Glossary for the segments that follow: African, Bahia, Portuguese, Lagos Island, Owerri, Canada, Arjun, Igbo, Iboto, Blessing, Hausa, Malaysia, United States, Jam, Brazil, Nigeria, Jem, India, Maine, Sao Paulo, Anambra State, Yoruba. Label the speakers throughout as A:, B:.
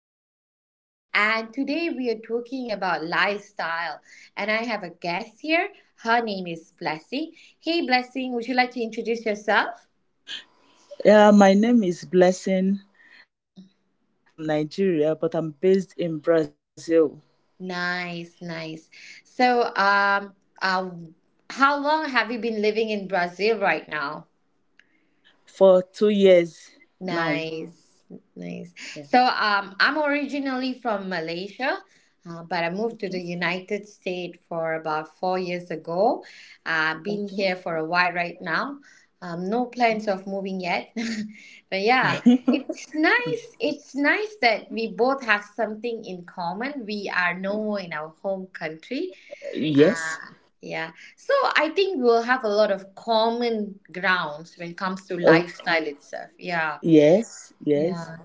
A: today's talk. And today we are talking about lifestyle. And I have a guest here. Her name is Blessing. Hey, Blessing, would you like to introduce yourself?
B: Yeah, my name is Blessing. I'm originally from Nigeria, but I'm based in Brazil
A: Nice, nice. So, um, um, how long have you been living in Brazil right now?
B: for 2 years now.
A: Nice, nice.
B: Yeah.
A: I'm originally from Malaysia, but I
B: Okay.
A: moved to the United States for about 4 years ago. Been
B: Okay.
A: here for a while right now. No plans of moving yet, but yeah, it's nice. It's nice that we both have something in common. We are no more in our home country.
B: Yes.
A: Ah, yeah. So I think we'll have a lot of common grounds when it comes to
B: Oh,
A: lifestyle itself. Yeah.
B: yes. Yes.
A: Yeah.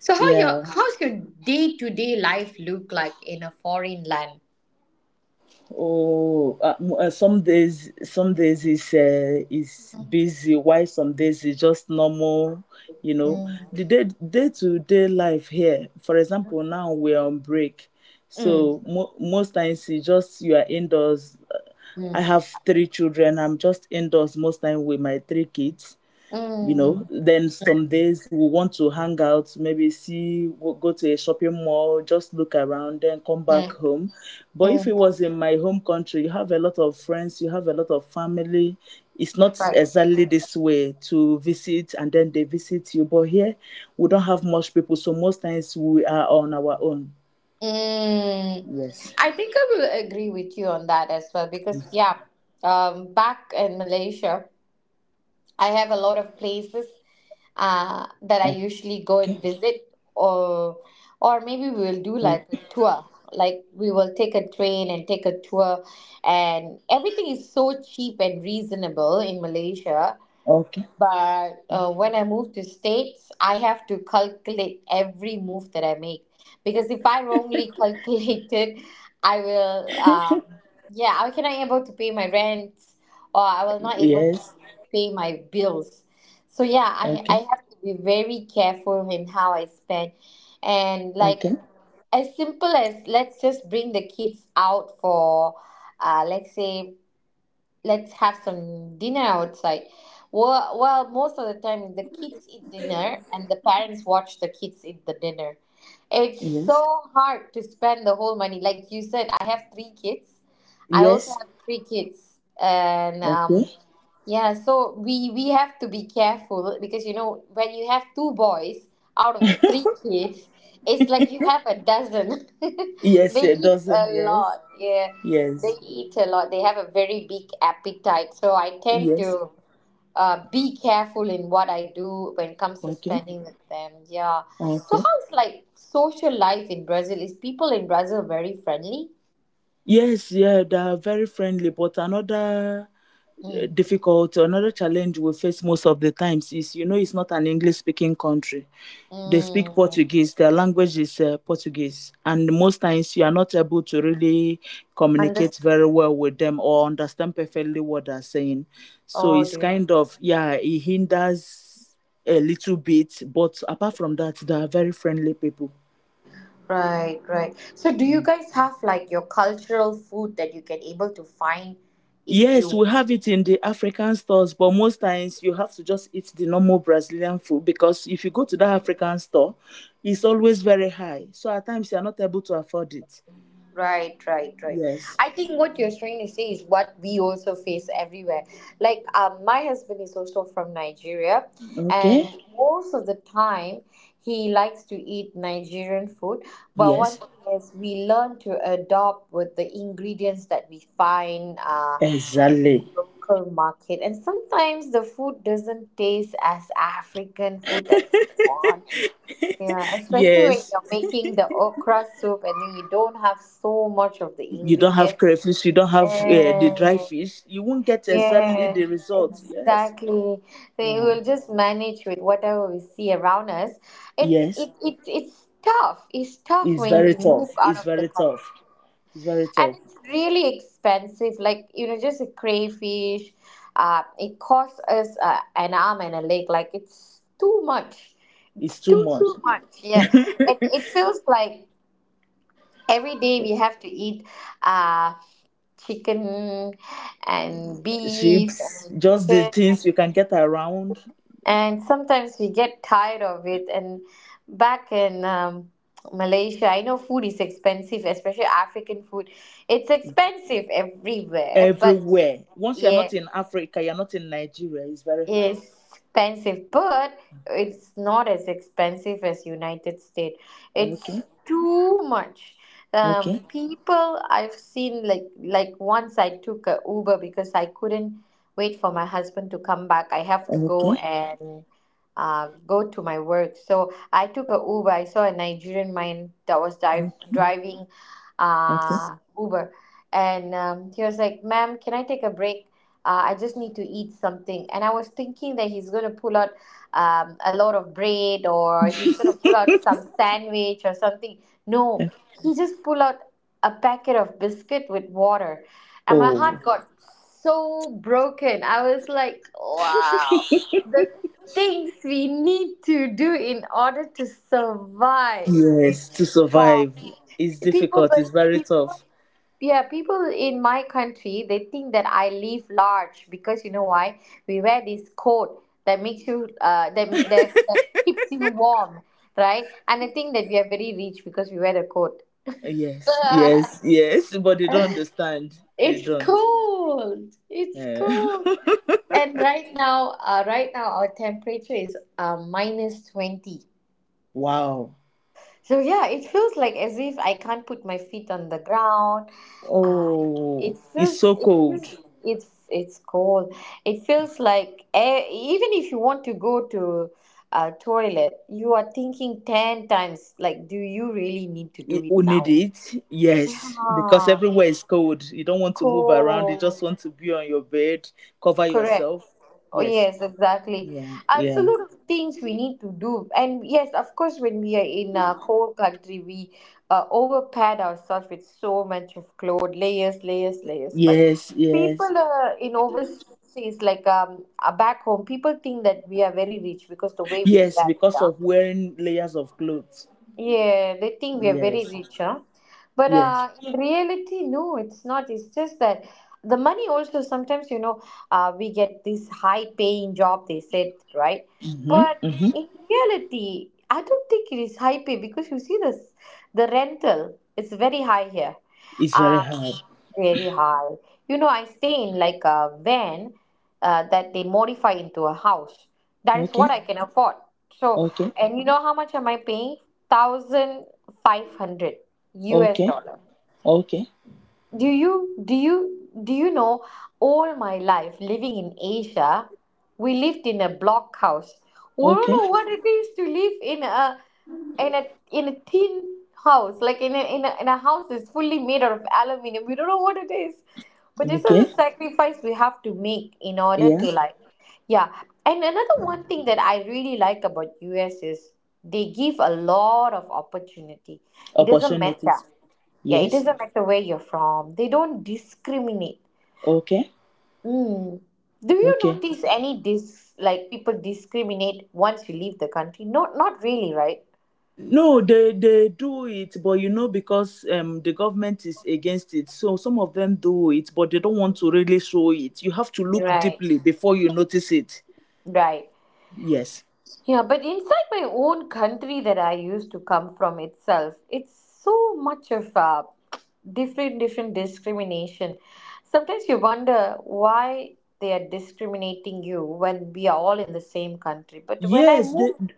A: So
B: Yeah.
A: how's your day to day life look like in a foreign land?
B: Oh, some days is busy, while some days is just normal. You know,
A: Mm.
B: the day to day life here. For example, now we're on break,
A: Mm.
B: so most times you are indoors. I
A: Mm.
B: have 3 children. I'm just indoors most time with my 3 kids, you know.
A: Mm.
B: Then some days we want to hang out, maybe see go go to a shopping mall, just look around, then come back
A: Mm.
B: home. But if it
A: Mm.
B: was in my home country, you have a lot of friends, you have a lot of family. It's not
A: Right.
B: exactly this way, to visit and then they visit you, but here we don't have much people, so most times we are on our own.
A: Mm.
B: Yes.
A: I think I will agree with you on that as well because yeah, back in Malaysia. I have a lot of places
B: Okay.
A: that I usually go and visit, or
B: Okay.
A: or maybe we will do like a tour. Like we will take a train and take a tour,
B: Okay.
A: and everything is so cheap and reasonable in Malaysia.
B: Okay.
A: But when I move to states, I have to calculate every move that I make because if I wrongly calculate it, I will yeah, I cannot able to pay my rent or I will not able to
B: Yes.
A: pay my bills. So yeah, I
B: Okay.
A: have to be very careful in how I spend, and like
B: Okay.
A: as simple as let's just bring the kids out for let's say let's have some dinner outside. Most of the time the kids eat dinner and the parents watch the kids eat the dinner. It's
B: Yes.
A: so hard to spend the whole money. Like you said, I have three kids. I also
B: Yes.
A: have three kids, and
B: Okay.
A: yeah, so we have to be careful because you know when you have two boys out of the three kids, it's like you have a dozen.
B: Yes,
A: They
B: a
A: eat
B: dozen.
A: a
B: Yes,
A: lot. Yeah. They
B: yes,
A: eat a lot. They have a very big appetite. So I tend
B: yes.
A: to be careful in what I do when it comes to
B: Okay,
A: spending with them. Yeah. So
B: okay.
A: how's like social life in Brazil? Is people in Brazil very friendly?
B: Yes, yeah, they are very friendly, but another
A: Mm.
B: difficulty, another challenge we face most of the times is, you know, it's not an English speaking country. They speak
A: Mm.
B: Portuguese. Their language is Portuguese, and most times you are not able to really
A: Understand.
B: communicate very well with them or understand perfectly what they're saying. So
A: Oh
B: it's
A: dear.
B: kind of, yeah, it hinders a little bit. But apart from that, they are very friendly people.
A: Right, right. So do you guys have like your cultural food that you can able to find if
B: Yes,
A: you
B: we have it in the African stores, but most times you have to just eat the normal Brazilian food, because if you go to that African store, it's always very high. So at times you are not able to afford it.
A: Right, right, right.
B: Yes.
A: I think what you're trying to say is what we also face everywhere. Like, my husband is also from Nigeria, and
B: Okay.
A: okay, most of the time he likes to eat Nigerian food. But one
B: Yes.
A: thing is, we learn to adopt with the ingredients that we find
B: Exactly.
A: local market, and sometimes the food doesn't taste as African food that we want. Yeah, especially when
B: Yes.
A: you're making the okra soup and then you don't have so much of the
B: You don't have
A: ingredient.
B: crayfish, you don't have the dry
A: And
B: fish, you won't get exactly
A: yeah,
B: the result. Yes.
A: exactly. So you
B: Yeah.
A: will just manage with whatever we see around us. It's
B: Yes.
A: it, it it's tough. It's tough
B: It's
A: when
B: very
A: we move
B: tough.
A: out
B: It's
A: of the
B: very
A: country
B: tough. It's very
A: and
B: tough.
A: it's really expensive, like, you know, just a crayfish it costs us an arm and a leg, like it's too much, it's
B: It's too
A: too
B: much.
A: too much yeah, it feels like every day we have to eat uh, chicken and beef
B: Ships,
A: and
B: just the
A: chicken,
B: things you can get around
A: and sometimes we get tired of it. And back in Malaysia, I know food is expensive, especially African food. It's expensive everywhere, but
B: everywhere. Once you're not
A: yeah,
B: in Africa, you're not in Nigeria, it's very high.
A: expensive, but it's not as expensive as United States.
B: Okay.
A: It's too much.
B: Okay.
A: People I've seen, once I took a Uber because I couldn't wait for my husband to come back. I have to go
B: Okay.
A: and go to my work. So I took a Uber. I saw a Nigerian man that was
B: Okay.
A: driving
B: Okay.
A: Uber, and he was like, "Ma'am, can I take a break? I just need to eat something." And I was thinking that he's going to pull out a lot of bread, or he's going to pull out some sandwich or something. No,
B: Okay.
A: he just pulled out a packet of biscuit with water. And my heart
B: Oh.
A: got so broken. I was like, wow, the things we need to do in order to survive.
B: Yes,
A: It's,
B: to
A: wow.
B: survive is difficult. It's very
A: People.
B: tough.
A: Yeah, people in my country, they think that I live large because you know why? We wear this coat that makes you that keeps you warm, right? And I think that we are very rich because we wear the coat.
B: Yes, yes, yes. But they don't understand. They
A: It's
B: don't.
A: cold. It's
B: Eh.
A: cold. And right now, right now our temperature is minus 20.
B: Wow.
A: So yeah, it feels like as if I can't put my feet on the ground. Uh,
B: Oh,
A: it
B: it's
A: feels
B: so
A: it
B: cold.
A: feels it's it's cold. It feels like even if you want to go to a toilet, you are thinking ten times like, do you really need to
B: You
A: do it
B: you need
A: now?
B: it.
A: Yeah,
B: Yes, because everywhere is cold. You don't want to move around. You
A: cold.
B: just want to be on your bed, cover
A: Correct.
B: yourself.
A: Oh,
B: Yes.
A: yes, exactly.
B: Yeah.
A: And so
B: Yeah.
A: a lot of things we need to do. And yes, of course, when we are in a cold country, we overpad ourselves with so much of clothes, layers, layers, layers. But
B: Yes. Yes.
A: people in overseas, like back home, people think that we are very rich because the way we
B: Yes.
A: dress.
B: Because
A: Yeah.
B: of wearing layers of clothes.
A: Yeah, they think we are very
B: Yes.
A: rich, huh? But
B: Yes.
A: in reality, no, it's not. It's just that the money also sometimes, you know, we get this high paying job, they said, right?
B: Mm-hmm,
A: But
B: mm-hmm.
A: in reality, I don't think it is high pay because you see this, the rental is very high here.
B: It's very
A: Uh,
B: hard.
A: very high. You know, I stay in like a van that they modify into a house. That is
B: Okay,
A: what I can afford. So,
B: okay,
A: and you know how much am I paying? 1,500 US
B: okay,
A: dollar.
B: okay,
A: Do you know all my life living in Asia, we lived in a blockhouse. We don't
B: okay,
A: know what it is to live in a in a tin house, like in a in a house that's fully made out of aluminum. We don't know what it is. But this is
B: okay.
A: a sacrifice we have to make in order
B: Yeah.
A: to like yeah. And another one thing that I really like about US is they give a lot of opportunity. It doesn't matter.
B: Opportunities.
A: Yeah, it
B: Yes.
A: doesn't matter where you're from. They don't discriminate.
B: Okay.
A: Mm. Do you
B: Okay.
A: notice any dis like people discriminate once you leave the country? Not not really, right?
B: No, they do it, but you know because the government is against it, so some of them do it, but they don't want to really show it. You have to look
A: Right.
B: deeply before you notice it.
A: Right.
B: Yes.
A: Yeah, but inside my own country that I used to come from itself, it's so much of a different discrimination. Sometimes you wonder why they are discriminating you when we are all in the same country. But when I
B: Yes. They.
A: moved,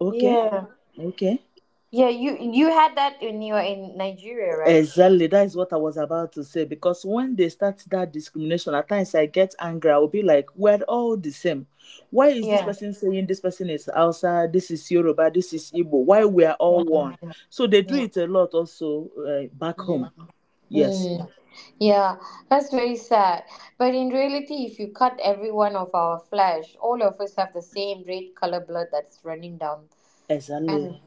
B: Okay.
A: yeah.
B: Okay.
A: Yeah, you had that when you were in Nigeria, right?
B: Exactly, that is what I was about to say. Because when they start that discrimination, at times I get angry. I will be like, we're all the same. Why is this
A: Yeah.
B: person saying this person is Hausa, this is Yoruba, this is Igbo? Why? We are all
A: Yeah.
B: one. So they do
A: Yeah.
B: it a lot also back
A: Mm.
B: home. Yes,
A: Mm. Yeah, that's very sad. But in reality, if you cut every one of our flesh, all of us have the same red color blood that's running down. And
B: exactly.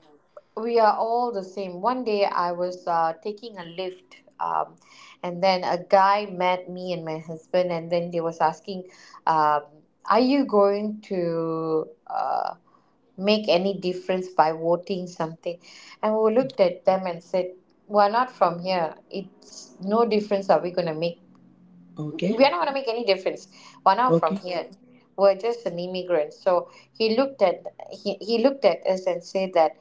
A: we are all the same. One day I was taking a lift, and then a guy met me and my husband, and then they was asking, um, "Are you going to make any difference by voting something?" And we looked at them and said, "We're not from here. It's no difference. Are we going to make We
B: Okay,
A: are not going to make any difference. One hour from
B: okay,
A: here, we're just an immigrant." So he looked at he looked at us and said that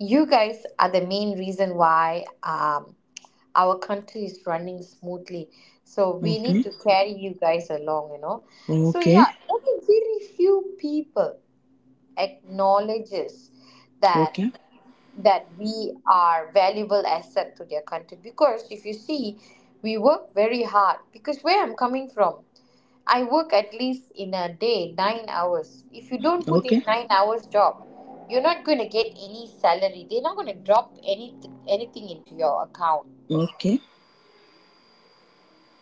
A: you guys are the main reason why our country is running smoothly. So we need to
B: okay,
A: carry you guys along, you know. So yeah,
B: okay,
A: only very few people acknowledges that
B: okay,
A: that we are valuable asset to their country. Because if you see, we work very hard, because where I'm coming from, I work at least in a day 9 hours. If you don't put in
B: okay,
A: 9 hours job, you're not going to get any salary. They're not going to drop anything into your account.
B: okay,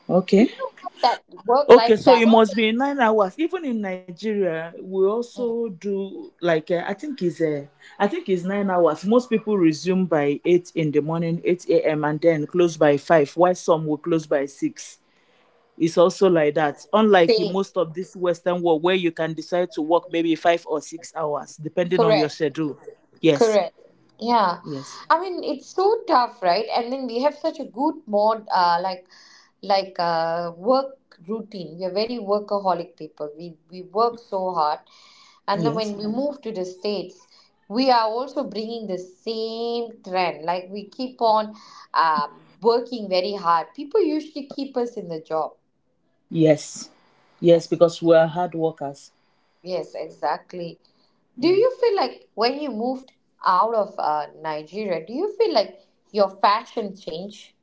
A: Do
B: okay.
A: you have that work
B: Okay,
A: life
B: so it
A: balance
B: must be 9 hours. Even in Nigeria, we
A: that
B: also
A: you
B: do like I think it's 9 hours. Most people resume by 8 in the morning, eight a.m., and then close by 5, while some will close by 6. It's also like that. Unlike in
A: say?
B: most of this Western world, where you can decide to work maybe 5 or 6 hours depending on your
A: Correct.
B: schedule. Yes,
A: Correct. Yeah.
B: yes,
A: I mean, it's so tough, right? And then we have such a good like work routine. We are very workaholic people. We work so hard, and then when
B: yes,
A: we Mhm. move to the states, we are also bringing the same trend. Like we keep on working very hard. People usually keep us in the job.
B: yes, yes.
A: Yes.
B: Because we are hard workers.
A: Yes, exactly. Do
B: Yeah.
A: you feel like when you moved out of Nigeria, do you feel like your fashion changed?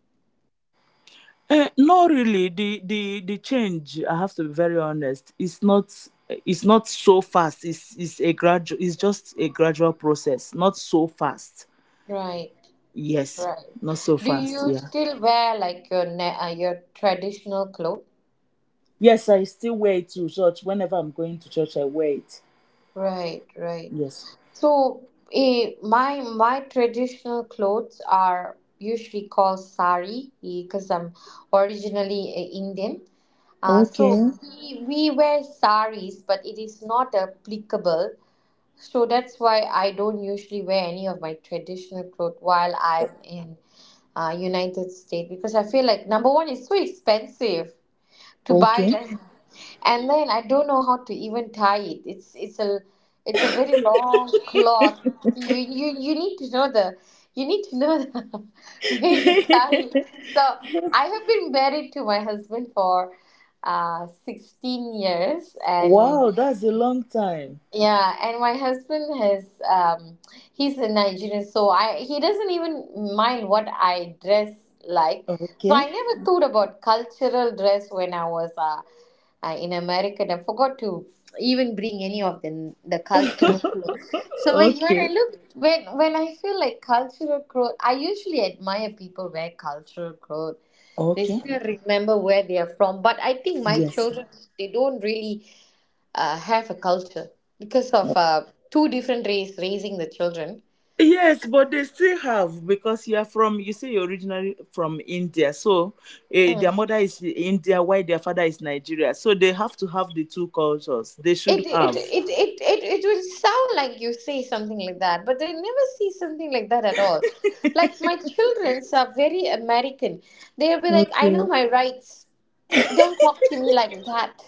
B: Not really. The change, I have to be very honest, it's not so fast. It's a gradual, it's just a gradual process. Not so fast.
A: Right,
B: Yes.
A: right.
B: Not so
A: Do
B: fast,
A: you
B: yeah.
A: still wear like your ne your traditional clothes?
B: Yes, I still wear it to church. Whenever I'm going to church, I wear it.
A: Right, right.
B: Yes.
A: So, my traditional clothes are usually called sari because I'm originally Indian. So
B: Okay.
A: we wear saris, but it is not applicable. So that's why I don't usually wear any of my traditional clothes while I'm in United States because I feel like number one, it's so expensive to buy
B: Okay.
A: them, and then I don't know how to even tie it. It's a very long cloth. You need to know the you need to know the way you tie it. So I have been married to my husband for 16 years, and
B: Wow, that's a long time.
A: yeah, and my husband has he's a Nigerian, so I he doesn't even mind what I dress like. So I
B: Okay.
A: never thought about cultural dress when I was in America. And I forgot to even bring any of the cultural clothes. So when I
B: Okay.
A: look when I feel like cultural clothes, I usually admire people wear cultural clothes, they
B: Okay.
A: still remember where they are from. But I think my
B: Yes.
A: children, they don't really have a culture because of two different race raising the children.
B: Yes, but they still have, because you are from, you say you're originally from India, so their
A: Mm.
B: mother is India while their father is Nigeria, so they have to have the two cultures. They
A: It,
B: should
A: it,
B: have.
A: it, it, it, it would sound like you say something like that, but they never see something like that at all. Like my childrens are very American. They'll be like, I know
B: Okay.
A: my rights. Don't talk to me like that.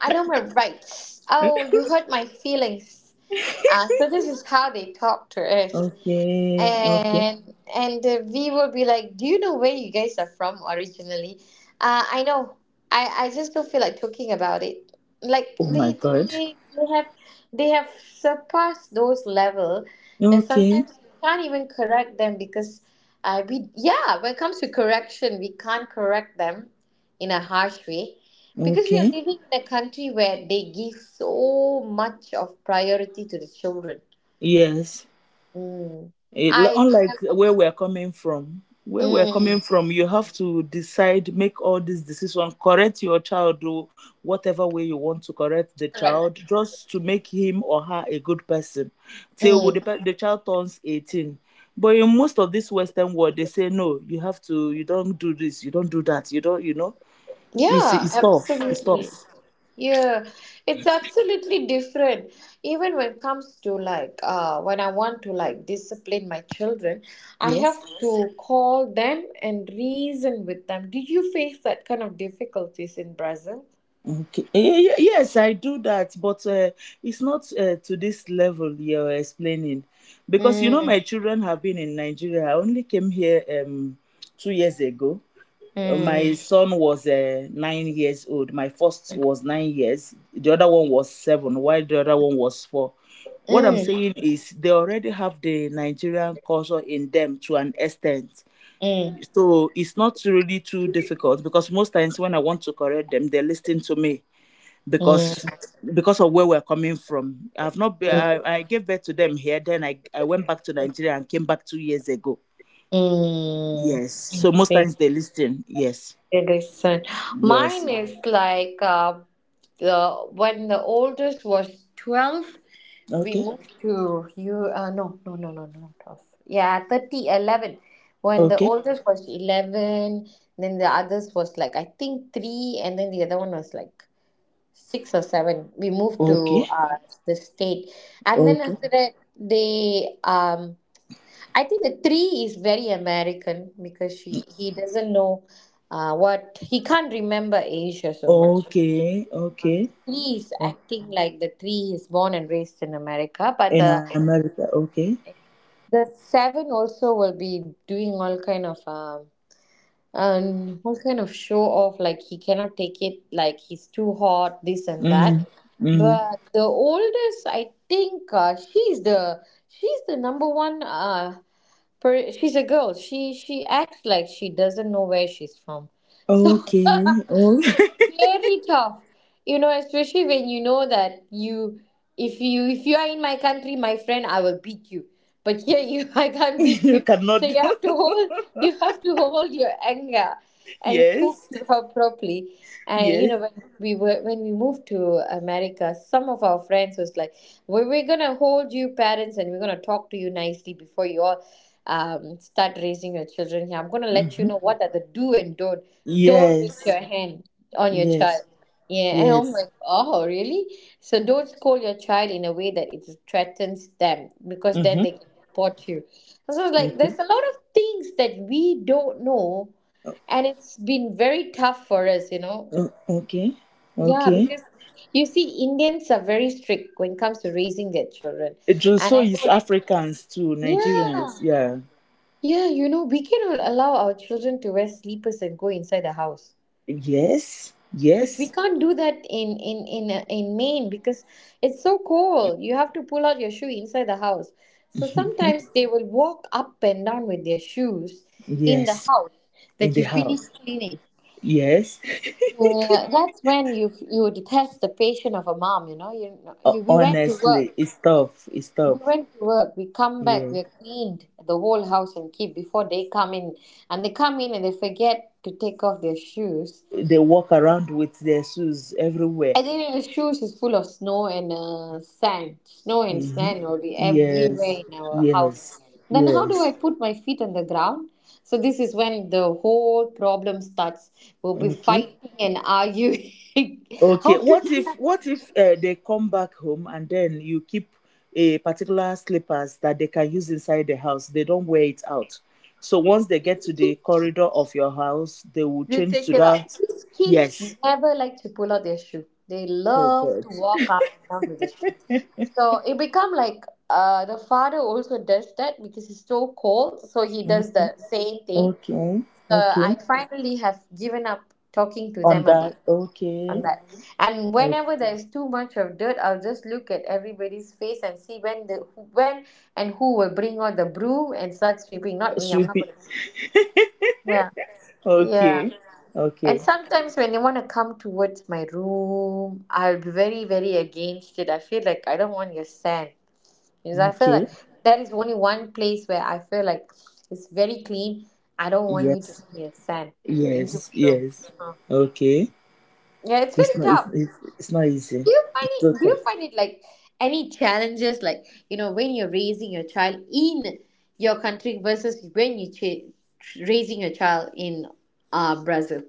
A: I know my rights.
B: Eh?
A: Oh, you hurt my feelings. So this is how they talk to us.
B: Okay, okay.
A: and and we would be like, "Do you know where you guys are from originally?" I know. I just don't feel like talking about it. Like
B: Oh my
A: they they
B: God.
A: they, they have they have surpassed those level, and
B: Okay,
A: sometimes you can't even correct them because we, yeah, when it comes to correction we can't correct them in a harsh way because we are
B: okay.
A: living in a country where they give so much of priority to the children.
B: Yes.
A: Mm.
B: It,
A: I
B: unlike
A: remember.
B: where we're coming from, where we're coming
A: Mm,
B: from, you have to decide, make all these decisions, correct your child, do whatever way you want to correct the child,
A: correct.
B: just to make him or her a good person till
A: Mm,
B: the child turns 18. But in most of this Western world, they say, no, you have to, you don't do this, you don't do that, you don't, you know,
A: yeah,
B: it's tough, it's
A: absolutely.
B: tough.
A: Yeah, it's absolutely different. Even when it comes to like when I want to like discipline my children, I have
B: Yes?
A: to call them and reason with them. Did you face that kind of difficulties in Brazil?
B: Okay. Yes, I do that, but it's not to this level you're explaining. Because you know,
A: Mm,
B: my children have been in Nigeria. I only came here 2 years ago. My
A: mm,
B: son was 9 years old. My first was 9 years. The other one was 7, while the other one was 4. What I'm
A: mm,
B: saying is, they already have the Nigerian culture in them to an extent.
A: mm,
B: So it's not really too difficult, because most times when I want to correct them, they listen to me because of where we're coming from. I've not been, I gave birth to them here, then I went back to Nigeria and came back 2 years ago.
A: mm, mm.
B: Yes. So most times they listen. Yes.
A: Listen,
B: Yes.
A: mine is like the when the oldest was 12, we
B: Okay.
A: moved to you. No, no, no, no, no, not 12. Yeah, 30 11. When the
B: Okay.
A: oldest was 11, then the others was like I think three, and then the other one was like six or seven. We moved
B: Okay.
A: to the state, and then
B: Okay.
A: after that they I think the three is very American because she he doesn't know what he can't remember Asia so much.
B: Okay. Okay.
A: The three is
B: Oh,
A: acting like the three is born and raised in America, but
B: in America. Okay.
A: the seven also will be doing all kind of and all kind of show off, like he cannot take it, like he's too hot this and
B: Mm.
A: that.
B: Mm.
A: But the oldest, I think she's the number one, she's a girl, she acts like she doesn't know where she's from. So
B: Okay. Oh.
A: it's very tough, you know, especially when you know that you, if you are in my country, my friend, I will beat you, but here you I can't beat
B: You
A: you. So
B: cannot do.
A: you have to hold your anger and talk
B: Yes.
A: to her properly. And you
B: Yes.
A: know, when we were when we moved to America, some of our friends was like, well, we're gonna hold you parents and we're gonna talk to you nicely before you all start raising your children here. I'm gonna let you
B: Hmm.
A: know what are the do and don't. Don't raise
B: Yes.
A: your hand on your child.
B: Yes.
A: Yeah, and I'm
B: Yes.
A: like, oh, really? So don't scold your child in a way that it threatens them because then
B: Mm-hmm.
A: they can report you. So it's like,
B: Okay.
A: there's a lot of things that we don't know, and it's been very tough for us, you know.
B: O- okay,
A: Yeah,
B: okay.
A: because you see, Indians are very strict when it comes to raising their children,
B: It just
A: and
B: so
A: I
B: is
A: know,
B: Africans to Nigerians.
A: yeah,
B: Yeah.
A: yeah, you know, we cannot allow our children to wear sleepers and go inside the house.
B: Yes,
A: But we
B: yes,
A: can't do that in in Maine because it's so cold. You have to pull out your shoe inside the house. So sometimes they will walk up and down with their shoes in the
B: yes.
A: house
B: In
A: that
B: the
A: you finish
B: house.
A: cleaning.
B: Yes.
A: Yeah, that's when you would test the patient of a mom. You know, you we went to work.
B: Honestly, it's tough. It's
A: We
B: tough.
A: went to work. We come back.
B: Yeah.
A: We cleaned the whole house and keep before they come in, and they come in and they forget to take off their shoes.
B: They walk around with their shoes everywhere.
A: I think the shoes is full of snow and sand. Snow and
B: Mm-hmm.
A: sand will be everywhere
B: Yes,
A: in our house.
B: yes,
A: Then how do
B: yes.
A: I put my feet on the ground? So this is when the whole problem starts. We'll be
B: Okay.
A: fighting and arguing.
B: Okay.
A: How to
B: What
A: do
B: if,
A: something,
B: they come back home and then you keep a particular slippers that they can use inside the house? They don't wear it out. So once they get to the corridor of your house, they will
A: you
B: change
A: take
B: to
A: without.
B: that.
A: These kids
B: Yes.
A: never like to pull out their shoe. They
B: Oh
A: love
B: God.
A: to walk up and down with the shoe. So it become like the father also does that because it's so cold, so he does the
B: Okay.
A: same thing.
B: Okay.
A: Uh,
B: Okay.
A: I finally have given up talking to
B: On
A: them about,
B: that.
A: on
B: Okay.
A: that. And whenever
B: Okay.
A: there is too much of dirt, I'll just look at everybody's face and see when and who will bring out the broom and start sweeping. Not me. I'm not
B: Sweepy.
A: gonna do it. Yeah, yeah.
B: Okay.
A: And
B: Okay.
A: sometimes when they want to come towards my room, I'll be very, very against it. I feel like I don't want your sand. Because I feel
B: Okay.
A: like that is only one place where I feel like it's very clean. I don't want you to
B: Yes.
A: bring your sand into
B: Yes.
A: my room.
B: Yes. Okay.
A: Yeah, it's very
B: It's not.
A: tough.
B: It's not easy. It's so
A: Do you
B: tough.
A: find it like any challenges? Like you know, when you're raising your child in your country versus when you raising your child in Brazil.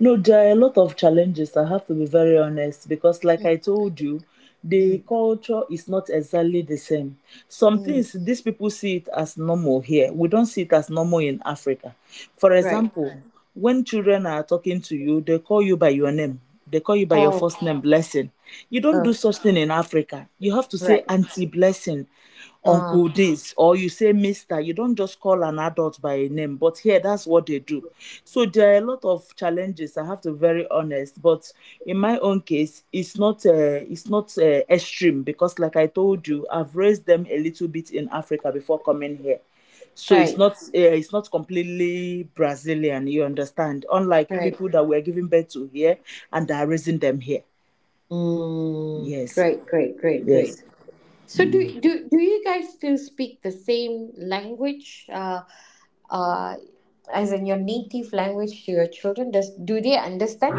B: No, there are a lot of challenges, I have to be very honest, because like
A: Mm,
B: I told you, the
A: mm,
B: culture is not exactly the same. Some
A: mm,
B: things these people see it as normal here. We don't see it as normal in Africa. For
A: right.
B: example, when children are talking to you, they call you by your name. They call you by your
A: Oh,
B: first name, Blessing. You don't
A: oh,
B: do such thing in Africa. You have to say
A: right.
B: Auntie Blessing,
A: Uh,
B: Uncle this, or you say Mister. You don't just call an adult by a name, but here that's what they do. So there are a lot of challenges, I have to be very honest, but in my own case it's not extreme, because like I told you, I've raised them a little bit in Africa before coming here. So
A: right,
B: it's not completely Brazilian, you understand, unlike
A: right.
B: people that we're giving birth to here and that are raising them here.
A: Mm,
B: Yes.
A: great, great, great, great.
B: Yes.
A: So do you guys still speak the same language? Uh, as in your native language to your children? Does Do they understand?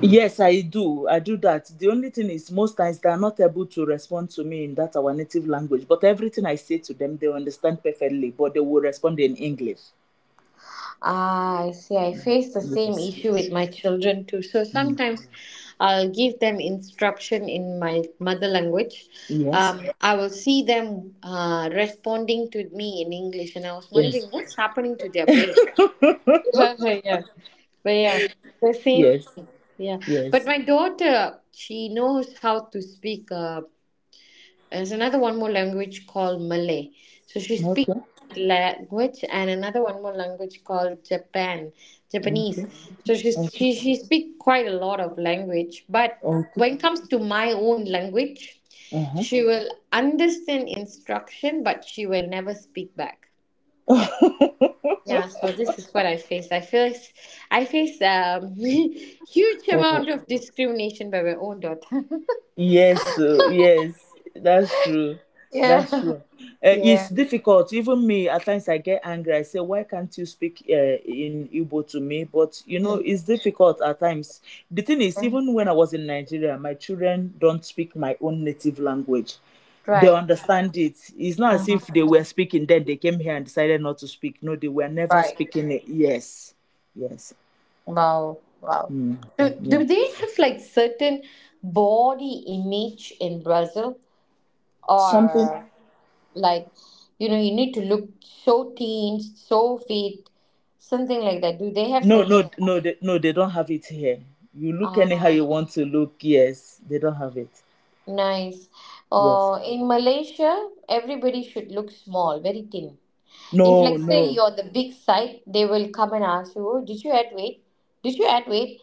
B: Yes, I do. I do that. The only thing is, most times they are not able to respond to me in that our native language, but everything I say to them, they understand perfectly, but they will respond in English.
A: Ah, I see. I face the same
B: Yes.
A: issue with my children too. So
B: Mm.
A: sometimes I'll give them instruction in my mother language.
B: Yes.
A: I will see them responding to me in English, and I was
B: Yes.
A: wondering what's happening to their brain. Yeah. But yeah, the same
B: Yes.
A: thing. Yeah. But
B: Yes.
A: my daughter, she knows how to speak. There's another one more language called Malay. So she
B: Okay.
A: speaks that language and another one more language called Japan,
B: Okay.
A: Japanese. So
B: Okay.
A: she speaks quite a lot of language. But
B: Okay.
A: when it comes to my own language,
B: Uh
A: she will understand instruction, but she will never speak back. Yeah, so this is what I face. I face huge
B: huh.
A: amount of discrimination by my own daughter.
B: Yes, yes, that's true. That's
A: Yeah,
B: true.
A: yeah,
B: It's difficult. Even me, at times I get angry. I say, why can't you speak in Igbo to me? But, you know, it's difficult at times. The thing is, even when I was in Nigeria, my children don't speak my own native language. They
A: right,
B: understand it. It's not as if
A: uh-huh.
B: they were speaking, then they came here and decided not to speak. No, they were never
A: Right.
B: speaking it. Yes, yes.
A: Wow, wow.
B: Mm.
A: Do,
B: Yeah.
A: do they have like certain body image in Brazil,
B: Something.
A: or like you know you need to look so teen, so fit, something like that? Do they have
B: No, no,
A: something like that?
B: no, they, no, they don't have it here. You look anyhow
A: Ah.
B: you want to look, yes, they don't have it.
A: Nice.
B: Yes.
A: In Malaysia, everybody should look small, very thin. If,
B: No,
A: like, say
B: no.
A: you're the big side, they will come and ask you, "Oh, did you add weight? Did you add weight?"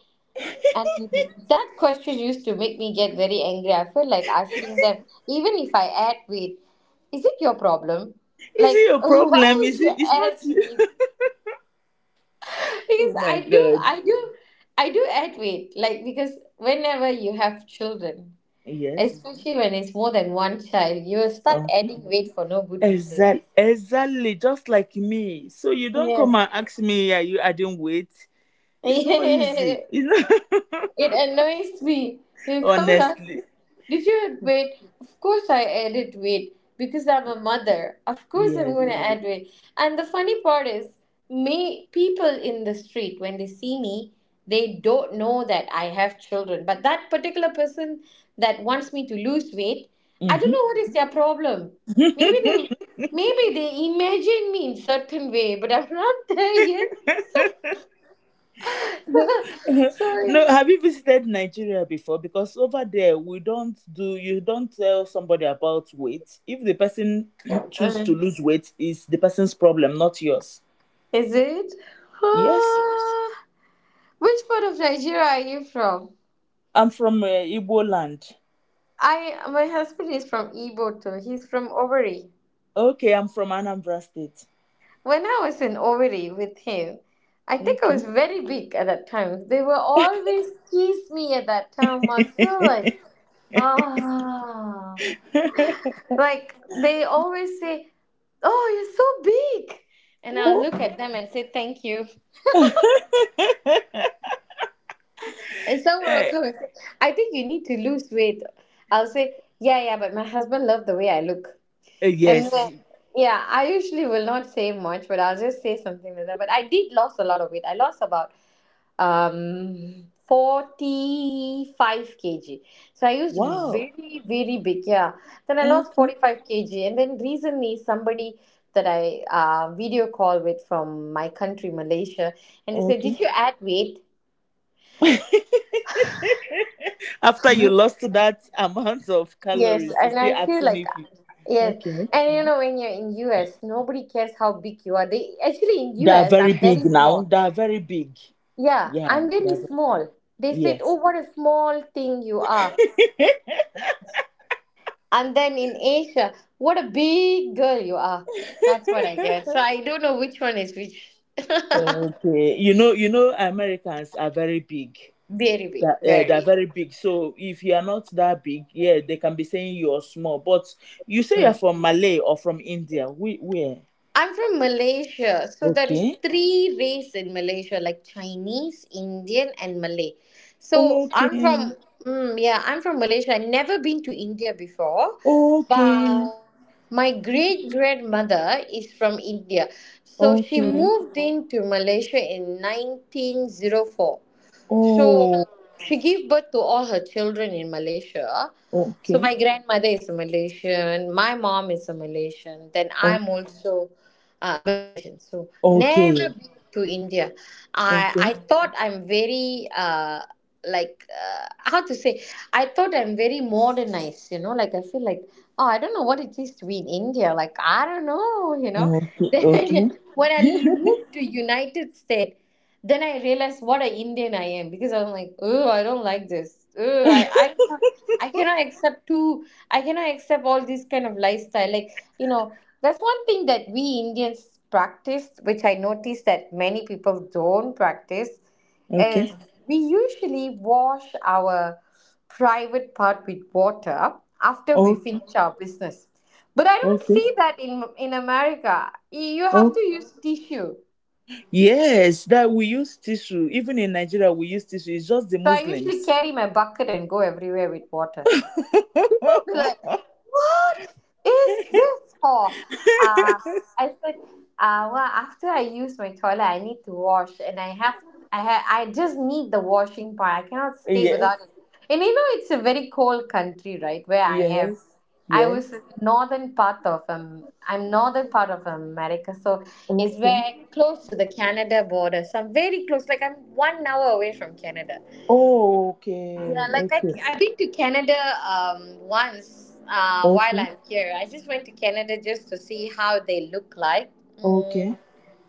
A: And that question used to make me get very angry. I feel like asking them, even if I add weight, is it your problem?
B: Is
A: Like,
B: it your
A: why
B: problem?
A: would
B: Is
A: you
B: it? It's not
A: ask
B: you.
A: me?
B: Oh
A: Because
B: my god.
A: I do, I do add weight. Like, because whenever you have children,
B: Yes.
A: especially when it's more than one child, you will start
B: Okay.
A: adding weight for no good reason.
B: Exactly, exactly, just like me. So you don't
A: Yes.
B: come and ask me, are you adding weight? It's not easy. It's not,
A: It annoys me. You come would ask,
B: honestly.
A: did you add weight? Of course I added weight because I'm a mother. Of course I'm
B: Yes.
A: going to add weight. And the funny part is, me people in the street when they see me, they don't know that I have children. But that particular person that wants me to lose weight, I don't
B: Mhm.
A: know what is their problem. Maybe they, maybe they imagine me in certain way, but I'm not there yet. Sorry.
B: No, have you visited Nigeria before? Because over there we don't do, you don't tell somebody about weight. If the person choose to lose weight, is the person's problem, not yours.
A: Is it?
B: Yes,
A: Uh, which part of Nigeria are you from?
B: I'm from Igbo land.
A: I My husband is from Iboto. He's from Owerri.
B: Okay, I'm from Anambra State.
A: When I was in Owerri with him, I think I
B: Okay.
A: was very big at that time. They were always tease me at that time. I feel like ah, like they always say, "Oh, you're so big," and I'll
B: Oh.
A: look at them and say, "Thank you." And someone will
B: Eh,
A: come and say, I think you need to lose weight. I'll say, yeah, yeah, but my husband loved the way I look. And then,
B: yes.
A: mhm, yeah, I usually will not say much, but I'll just say something like that. But I did lost a lot of weight. I lost about 45 kg. So I used to be
B: Wow.
A: very, very big, yeah. Then I lost
B: Okay.
A: 45 kg. And then recently somebody that I video call with from my country, Malaysia, and they said, did
B: Okay.
A: you add weight?
B: After you lost that amount of
A: Yes,
B: calories, you
A: and
B: still
A: I feel
B: asking
A: like
B: if you.
A: yes,
B: Okay.
A: and you know when you're in US, nobody cares how big you are. They actually in
B: They are
A: US,
B: very
A: I'm
B: big
A: very
B: now.
A: small.
B: They are very big.
A: Yeah,
B: Yeah.
A: I'm
B: They
A: very
B: are, ve-
A: small. They said, "Oh,
B: yes.
A: what a small thing you are," and then in Asia, "What a big girl you are." That's what I get. So I don't know which one is which.
B: Okay. You know, Americans are very big.
A: Very big,
B: They're
A: very.
B: very big. So if you are not that big, yeah, they can be saying you are small. But you say you're
A: Hmm.
B: from Malay or from India. We, where?
A: I'm from Malaysia, so there is
B: Okay.
A: three race in Malaysia, like Chinese, Indian, and Malay. So I'm from
B: Okay.
A: yeah, I'm from Malaysia. I've never been to India before,
B: Okay.
A: but my great grandmother is from India, so she
B: Okay.
A: moved into Malaysia in 1904. So
B: Oh,
A: she gave birth to all her children in Malaysia. So
B: okay.
A: my grandmother is a Malaysian, my mom is a Malaysian, then
B: O-
A: I'm also a Malaysian. So never
B: okay.
A: been to India. I
B: Okay.
A: I thought I'm very like how to say, I thought I'm very modernized, you know, like I feel like, oh, I don't know what it is to be in India, like I don't know, you know.
B: Okay.
A: Then
B: Okay.
A: when I moved to United States. Then I realized what an Indian I am because I'm like, oh, I don't like this. Oh, cannot- I cannot accept too. I cannot accept all this kind of lifestyle. Like you know, that's one thing that we Indians practice, which I noticed that many people don't practice,
B: Okay.
A: is we usually wash our private part with water after we
B: Okay.
A: finish our business. But I don't
B: Okay.
A: see that in America. You have
B: Oh,
A: to use tissue.
B: yes. That we use tissue. Even in Nigeria, we use tissue. It's just the
A: So I usually
B: Muslims.
A: carry my bucket and go everywhere with water. People be like, "What is this for?" Uh, I said, "Well, after I use my toilet, I need to wash, and I have, I ha- I just need the washing part. I cannot stay
B: yes.
A: without it." And you know, it's a very cold country, right? Where I am,
B: Yes.
A: I was
B: Yes.
A: in the northern part of I'm northern part of America, so it's
B: Okay.
A: very close to the Canada border. So I'm very close, like I'm 1 hour away from Canada.
B: Oh,
A: Yeah,
B: okay.
A: like
B: Okay.
A: I've been to Canada once while
B: Okay.
A: I'm here. I just went to Canada just to see how they look like. Mm,
B: Okay.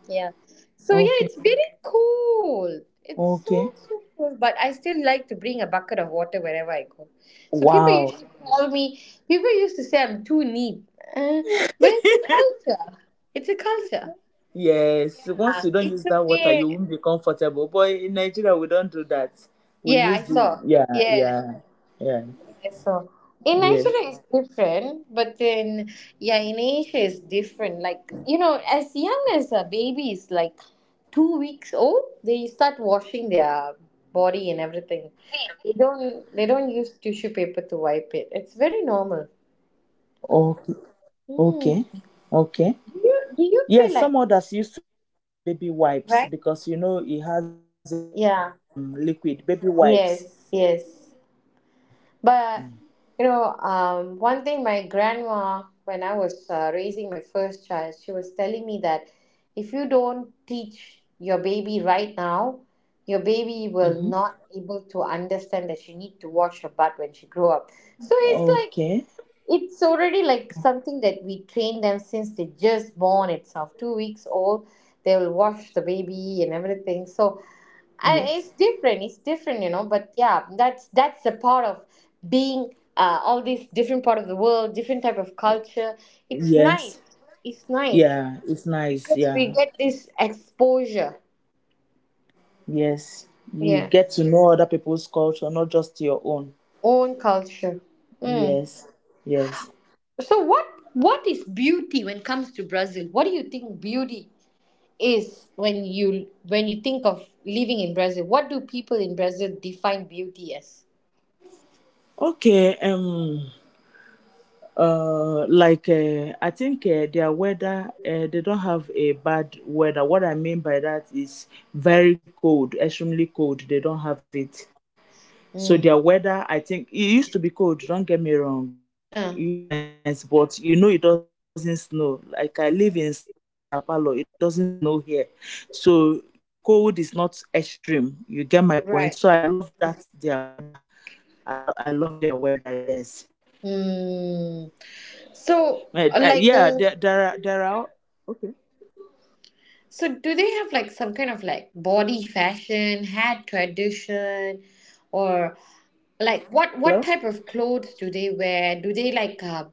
A: yeah. So yeah,
B: Okay.
A: it's very cool. It's so
B: Okay.
A: so cool, but I still like to bring a bucket of water wherever I go. So people
B: Wow.
A: used to call me. People used to say I'm too neat, uh, but it's a culture. It's a culture.
B: Yes, once you don't
A: It's
B: use
A: a
B: that water, you
A: way.
B: won't be comfortable. But in Nigeria, we don't do that. We
A: Yeah, I
B: use the
A: saw.
B: yeah,
A: Yeah.
B: yeah, yeah,
A: So in
B: yes.
A: Nigeria it's different, but then yeah, in Asia it's different. Like you know, as young as a baby is like 2 weeks old, they start washing their body and everything. They don't use tissue paper to wipe it. It's very
B: Okay,
A: normal.
B: okay, okay.
A: Hmm.
B: Yes, some
A: Do
B: others
A: you do
B: used to
A: you
B: use
A: feel like
B: this baby wipes because you
A: right?
B: know it has a
A: Yeah.
B: liquid baby wipes.
A: Yes. Yes. But you know, one thing my grandma, when I was raising my first child, she was telling me that if you don't teach your baby right now, your
B: Mm-hmm.
A: baby will not able to understand that she need to wash her butt when she grow up. So it's
B: Okay.
A: like it's already like something that we train them since they just born itself, 2 weeks old. They will wash the baby and everything. So I,
B: Yes.
A: it's different you know but yeah that's the part of being all these different part of the world, different type of culture. It's
B: Yes.
A: nice, it's nice
B: Yeah, it's nice.
A: because
B: Yeah.
A: we get this exposure,
B: Yes. You
A: yeah,
B: get to know other people's culture, not just your own.
A: own culture. Mm.
B: Yes. Yes.
A: So what is beauty when it comes to Brazil? What do you think beauty is when you, when you think of living in Brazil, what do people in Brazil define beauty as?
B: Okay, like I think their weather, they don't have a bad weather. What I mean by that is very cold, extremely cold. They don't have it. So
A: Mm.
B: their weather, I think, it used to be cold. Don't get me wrong. It used to be
A: uh,
B: cold sometimes, but you know it doesn't snow. Like I live in Sao Paulo, it doesn't snow here, so the cold is not extreme. You get my point. So I love that their
A: right.
B: weather. I lo- I love their weather. Yes.
A: Mm.
B: Yeah,
A: So, like,
B: there are. Okay,
A: so do they have like some
B: I'm
A: kind of like
B: listening.
A: body fashion, hat tradition, or like what
B: Hello.
A: type of clothes do they wear? Do they like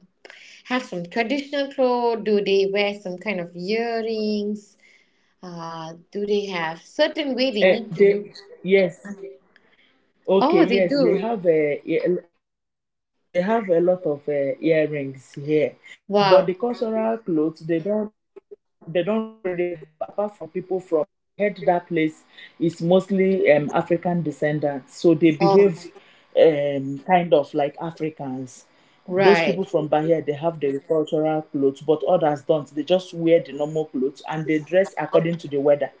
A: have some traditional clothes? Do they wear some kind of earrings? Do they have certain way they need to
B: They,
A: look?
B: yes. Okay,
A: Oh, they
B: yes, they
A: do.
B: have a. yeah, they have a lot of earrings here, but the
A: Wow.
B: cultural clothes they don't really have apart from people from Bahia because I heard that place is mostly African descendants, so they behave
A: Oh,
B: kind of like Africans. Those people
A: right.
B: from Bahia they have the cultural clothes, but others don't. They just wear the normal clothes and they dress according to the weather.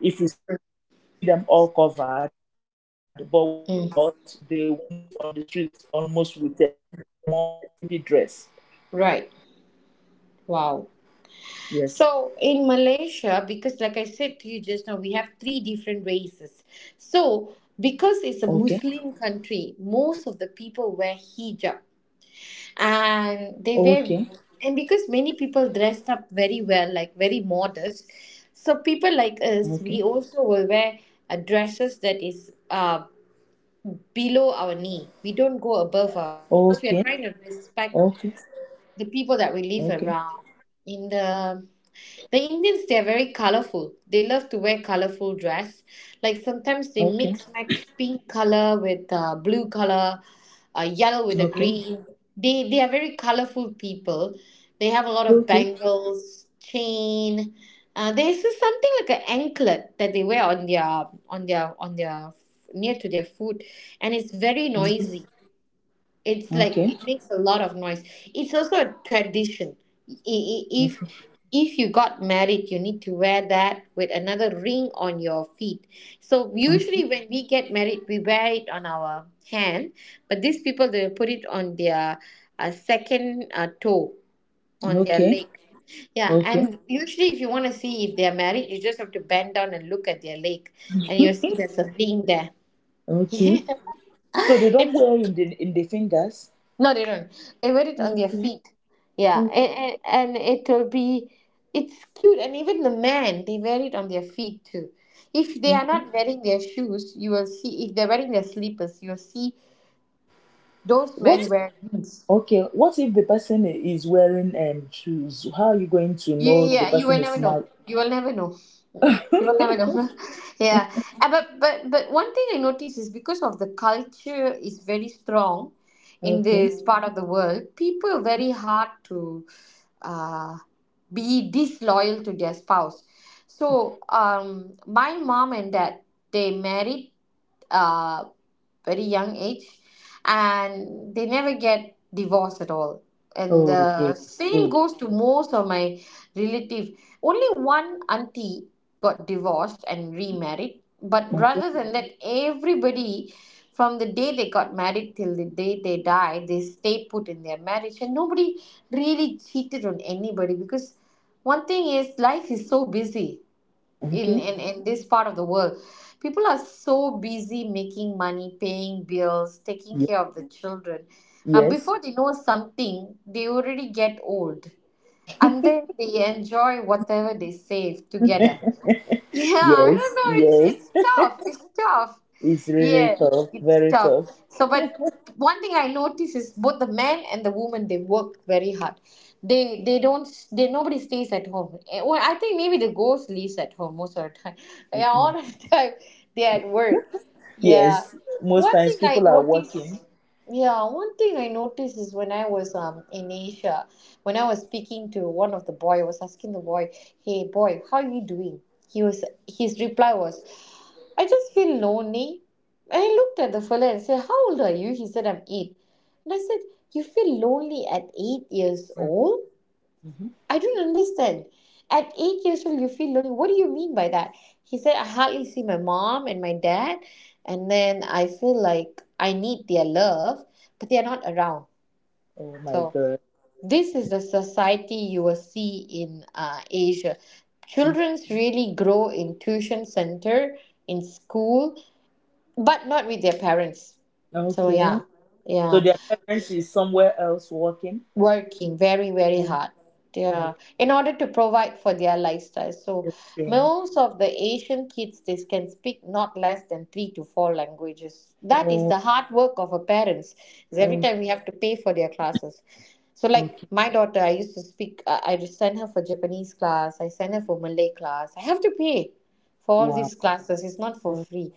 B: If it's cold, you will see them all covered, but when it's hot, they
A: Mm,
B: move on the streets almost with a very small, skimpy dress.
A: right. Wow.
B: Yes.
A: So in Malaysia, because like I said to you just now, we have three different races. So because it's
B: Okay.
A: a Muslim country, most of the people wear hijab and they
B: Okay.
A: wear and because many people dressed up very well, like very modest. So people like
B: Okay.
A: us, we also will wear dresses that is below our knee. We don't go above our knee
B: Okay.
A: because
B: Okay.
A: we are trying to respect
B: Okay.
A: the people that we
B: Okay.
A: live around in the Indians, they are very colorful. They love to wear colorful dress. Like sometimes they
B: Okay.
A: mix match pink color with blue color,
B: Okay.
A: yellow with a
B: Okay.
A: green. They are very colorful people. They have a lot of
B: Okay.
A: bangles, chain. There's just something like an anklet that they wear on their, on their, near to their foot, and it's very noisy. It's like
B: Okay.
A: it makes a lot of noise. It's also a tradition. If if you got married, you need to wear that with another ring on your feet. So usually when we get married, we wear it on our hand, but these people they put it on their second toe on their
B: Okay.
A: leg. Yeah,
B: Okay.
A: and usually if you want to see if they're married, you just have to bend down and look at their leg, and you'll see there's a ring there.
B: Okay.
A: Yeah.
B: So they don't
A: It's,
B: wear in the fingers.
A: no, they don't. They wear it on their
B: Okay.
A: feet. Yeah,
B: Okay.
A: and it will be, it's cute. And even the men, they wear it on their feet too. If they are
B: Okay.
A: not wearing their shoes, you will see. If they're wearing their slippers, you'll see those men
B: What
A: wear jeans.
B: Okay, what if the person is wearing shoes? How are you going to
A: You,
B: know the
A: yeah, you
B: person
A: will
B: is
A: never
B: married?
A: know. You will never know. You will never know. yeah, but one thing I notice is because of the culture is very strong in
B: Okay.
A: this part of the world, people are very hard to uh, be disloyal to their spouse. So my mom and dad they married uh, very young age and they never get divorced at all and
B: Oh,
A: the
B: okay.
A: same
B: Good.
A: goes to most of my relative. Only one auntie got divorced and remarried, but
B: Okay.
A: rather than that, everybody from the day they got married till the day they died, they stayed put in their marriage, and nobody really cheated on anybody because one thing is life is so busy in
B: Okay.
A: in, in this part of the world. People are so busy making money, paying bills, taking
B: Ye-
A: care of the children.
B: Yes.
A: Before they know something, they already get old and then they enjoy whatever they save together. Yeah, I
B: Yes.
A: don't know. It's
B: Yes.
A: it's tough. It's tough.
B: It's really
A: Yeah,
B: tough.
A: it's
B: Very
A: tough.
B: tough.
A: So, but one thing I notice is both the men and the women they work very hard. They don't they nobody stays at home. Eh, well, I think maybe the ghost lives at home most of the time. Yeah, all
B: Mm-mm.
A: the time they are at work. Yeah.
B: Yes. Most
A: One
B: times
A: thing I
B: people are working.
A: notice. Yeah, one thing I noticed is when I was in Asia, when I was speaking to one of the boy, I was asking the boy, "Hey boy, how are you doing?" He was his reply was, "I just feel lonely." And I looked at the fella and said, "How old are you?" He said, "I'm 8." And I said, "You feel lonely at 8 years old?"
B: Hmm.
A: I don't understand. At 8 years old, you feel lonely. What do you mean by that? He said, I hardly see my mom and my dad, and then I feel like I need their love, but they are not around.
B: Oh my
A: So,
B: God.
A: this is the society you will see in Asia. Children's really grow in tuition center, in school, but not with their parents. So,
B: Okay.
A: yeah. Yeah.
B: So their parents is somewhere else working.
A: Working very
B: Oh,
A: hard, yeah,
B: okay.
A: in order to provide for their lifestyle. So
B: Okay.
A: most of the asian kids, they can speak not less than three to four languages. That is
B: Oh,
A: the hard work of our parents, is every
B: okay.
A: time we have to pay for their classes. So like
B: Okay.
A: my daughter, I used to speak I just send her for japanese class, I send her for malay class, I have to pay for all
B: Wow.
A: these classes. It's not for
B: Oh,
A: free.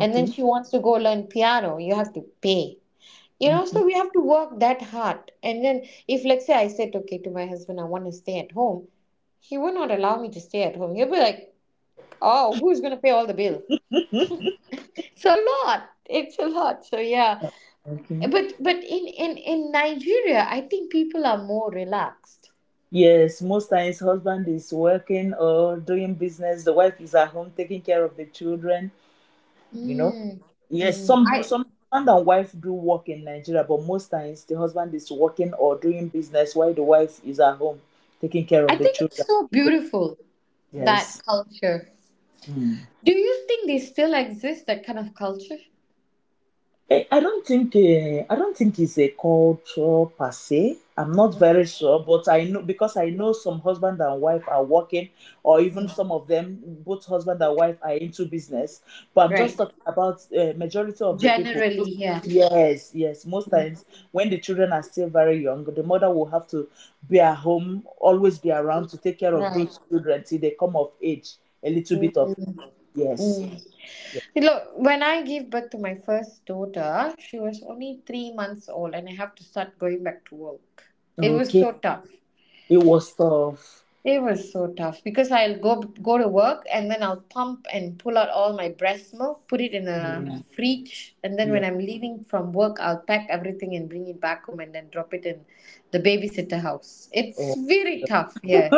A: And then she wants to go learn piano, you have to pay,
B: Okay.
A: so we have to work that hard. And then if let's say I said okay to my husband, I want to stay at home, he would not allow me to stay at home. He'll be like, oh, who's going to pay all the bill? It's a lot, it's a lot. So yeah,
B: Okay.
A: but in nigeria, I think people are more relaxed.
B: Yes, most times husband is working or doing business. The wife is at home taking care of the children. You know.
A: Mm.
B: Yes, some
A: i
B: some husband and wife do work in Nigeria, but most times the husband is working or doing business while the wife is at home taking care
A: I
B: of the
A: think it's
B: children.
A: so beautiful, that
B: Yes.
A: culture.
B: Hmm.
A: Do you think they still exist, that kind of culture?
B: Eh, I don't think it's a culture per se. I'm not very sure, but I know because I know some husband and wife are working, or even some
A: Mm.
B: of them, both husband and wife are into business. But I'm just
A: Right,
B: talking about majority of the people.
A: generally, yeah.
B: Yes, yes. Most times when the children are still very young, the mother will have to be at home, always be around to take care of
A: Right.
B: those children till they come of age. A little bit of yes.
A: Mm.
B: Yes.
A: Look, when I gave birth to my first daughter, she was only 3 months old, and I have to start going back to work. It was
B: Okay,
A: so tough.
B: it was tough.
A: It was so tough because I'll go to work and then I'll pump and pull out all my breast milk, put it in a fridge, and then
B: Yeah.
A: when I'm leaving from work, I'll pack everything and bring it back home and then drop it in the babysitter house. It's
B: Or
A: very tough, yeah,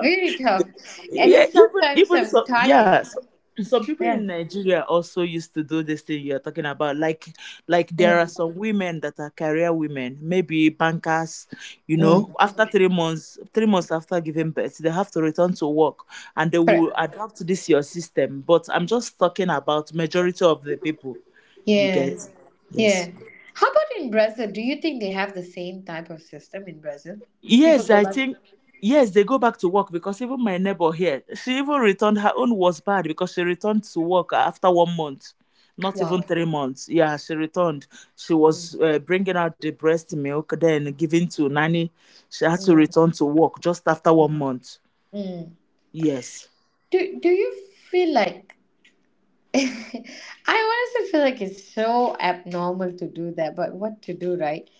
A: very tough. And
B: yeah,
A: then
B: even
A: sometimes
B: even
A: I'm
B: some
A: tired.
B: yeah, so, some people in
A: Yeah,
B: Nigeria also used to do this thing you're talking about. Like
A: yeah,
B: there are some women that are career women, maybe bankers, you know,
A: mm,
B: after 3 months 3 months, after giving birth, they have to return to work and they will
A: correct.
B: adapt to this your system. But I'm just talking about majority of the people you
A: Yeah.
B: get. Yes.
A: Yeah. How about in Brazil? Do you think they have the same type of system in Brazil? People
B: Yes,
A: go
B: I
A: back.
B: think yes, they go back to work because even my neighbor here, she even returned her own was bad because she returned to work after 1 month, not even
A: Wow.
B: 3 months. Yeah, she returned. She
A: Mm,
B: was bringing out the breast milk, then giving to nanny. She had to
A: mm,
B: return to work just after 1 month.
A: mm.
B: Yes,
A: Do you feel like I honestly feel like it's so abnormal to do that, but what to do, right?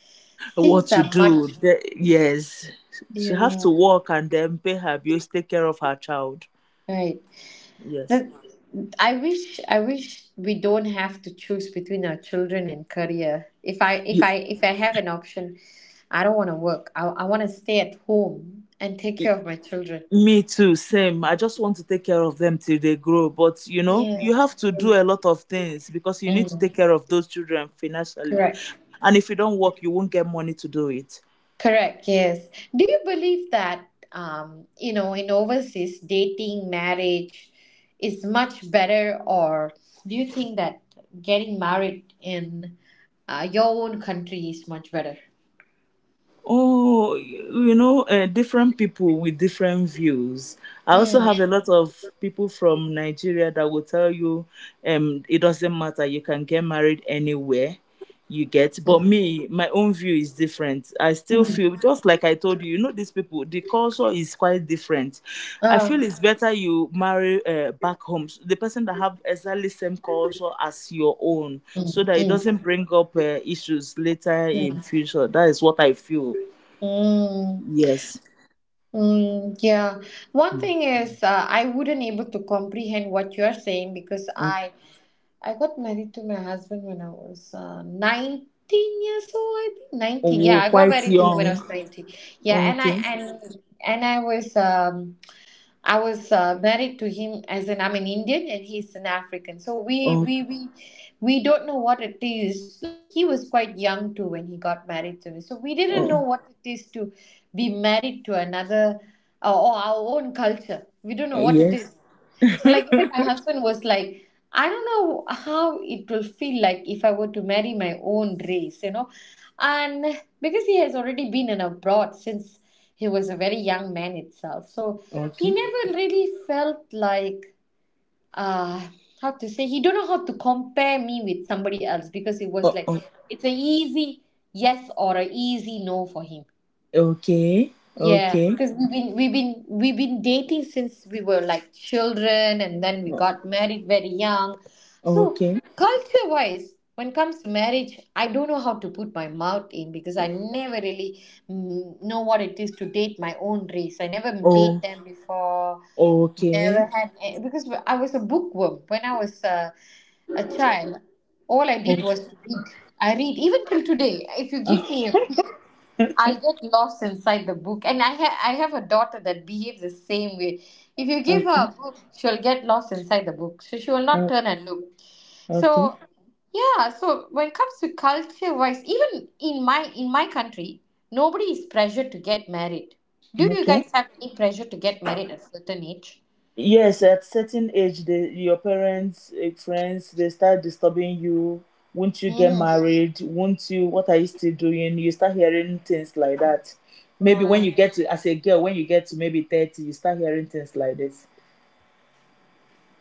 B: what
A: Things
B: to
A: are
B: do?
A: much.
B: The- yes, she have to
A: Yeah.
B: work and then pay her bills, take care of her child.
A: Right.
B: Yes,
A: That I wish we don't have to choose between our children and career. If I have an option, I don't want to work. I want to stay at home and take care of my children.
B: Me too, same. I just want to take care of them till they grow. But you know,
A: Yeah.
B: you have to do a lot of things because you need to
A: Mm,
B: take care of those children financially.
A: correct.
B: And if you don't work, you won't get money to do it.
A: Correct. Yes. Do you believe that you know in overseas dating marriage is much better, or do you think that getting married in your own country is much better?
B: Oh, different people with different views. I also
A: Mm.
B: have a lot of people from Nigeria that will tell you it doesn't matter, you can get married anywhere you get. But me, my own view is different. I still feel just like I told you you know these people the culture is quite different I
A: Oh,
B: feel it's better you marry back home s- the person that have exactly same culture as your own
A: mm,
B: so that it
A: mm,
B: doesn't bring up issues later in
A: mm,
B: future that is what I feel
A: mm,
B: yes
A: mm, yeah. One thing is, I wouldn't able to comprehend what you are saying because
B: okay.
A: I got married to my husband when I was 19 years old, I think 19. Yeah,
B: Oh
A: I got
B: quite
A: married to him
B: young.
A: when I was 19. Yeah,
B: Okay.
A: and and I was married to him as an I'm an Indian and he's an African. So we
B: Oh,
A: we we we don't know what it is. Like he was quite young too when he got married to me. So we didn't know
B: oh.
A: what it is to be married to another or our own culture. We don't know
B: Eh,
A: what it is.
B: yes.
A: So like even my husband was like, I don't know how it will feel like if I were to marry my own race, you know. And because he has already been in abroad since he was a very young man itself. So he
B: Okay.
A: never really felt like uh how to say, he don't know how to compare me with somebody else because it was
B: Oh,
A: like
B: oh.
A: it's an easy yes or an easy no for him.
B: Okay.
A: Yeah,
B: Okay.
A: because we've been dating since we were like children, and then we
B: Oh,
A: got married very young. So
B: okay.
A: culture-wise, when it comes to marriage, I don't know how to put my mouth in because I never really, mm, know what it is to date my own race. I never date
B: Oh,
A: them before.
B: okay.
A: Never had a- Because I was a bookworm when I was a child. All I did was
B: Oh,
A: to read. I read even till today. If you
B: ah,
A: give me a I'll get lost inside the book. And I have a daughter that behaves the same way. If you give her
B: okay.
A: a book, she'll get lost inside the book. So she will not
B: Ah.
A: turn and look.
B: Okay.
A: So yeah, so when it comes to culture wise, even in my country, nobody is pressured to get married. Do you
B: Okay.
A: guys have any pressure to get married at certain age?
B: Yes, at certain age, the your parents, eh, friends, they start disturbing you. Won't you get
A: Hmm.
B: married? Won't you? What are you still doing? You start hearing things like that. Maybe when you
A: Right.
B: get to, as a girl, when you get to maybe 30, you start hearing things like this.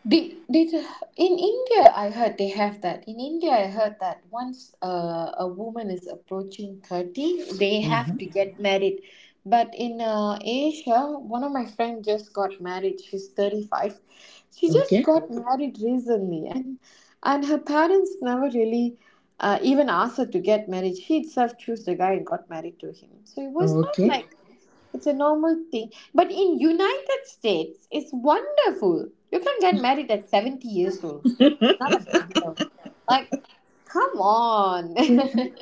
A: Did in India I heard they have that. In India I heard that once a woman is approaching 30, they have to
B: Mm-hmm.
A: get married. But in Asia, one of my friends just got married. She's 35. She
B: Okay.
A: just got married recently and her parents never really even asked her to get married. She itself chose the guy and got married to him. So it was not
B: Okay.
A: like it's a normal thing, but in United States, it's wonderful. You can get married at 70 years old. It's not a big deal. Like, come on. You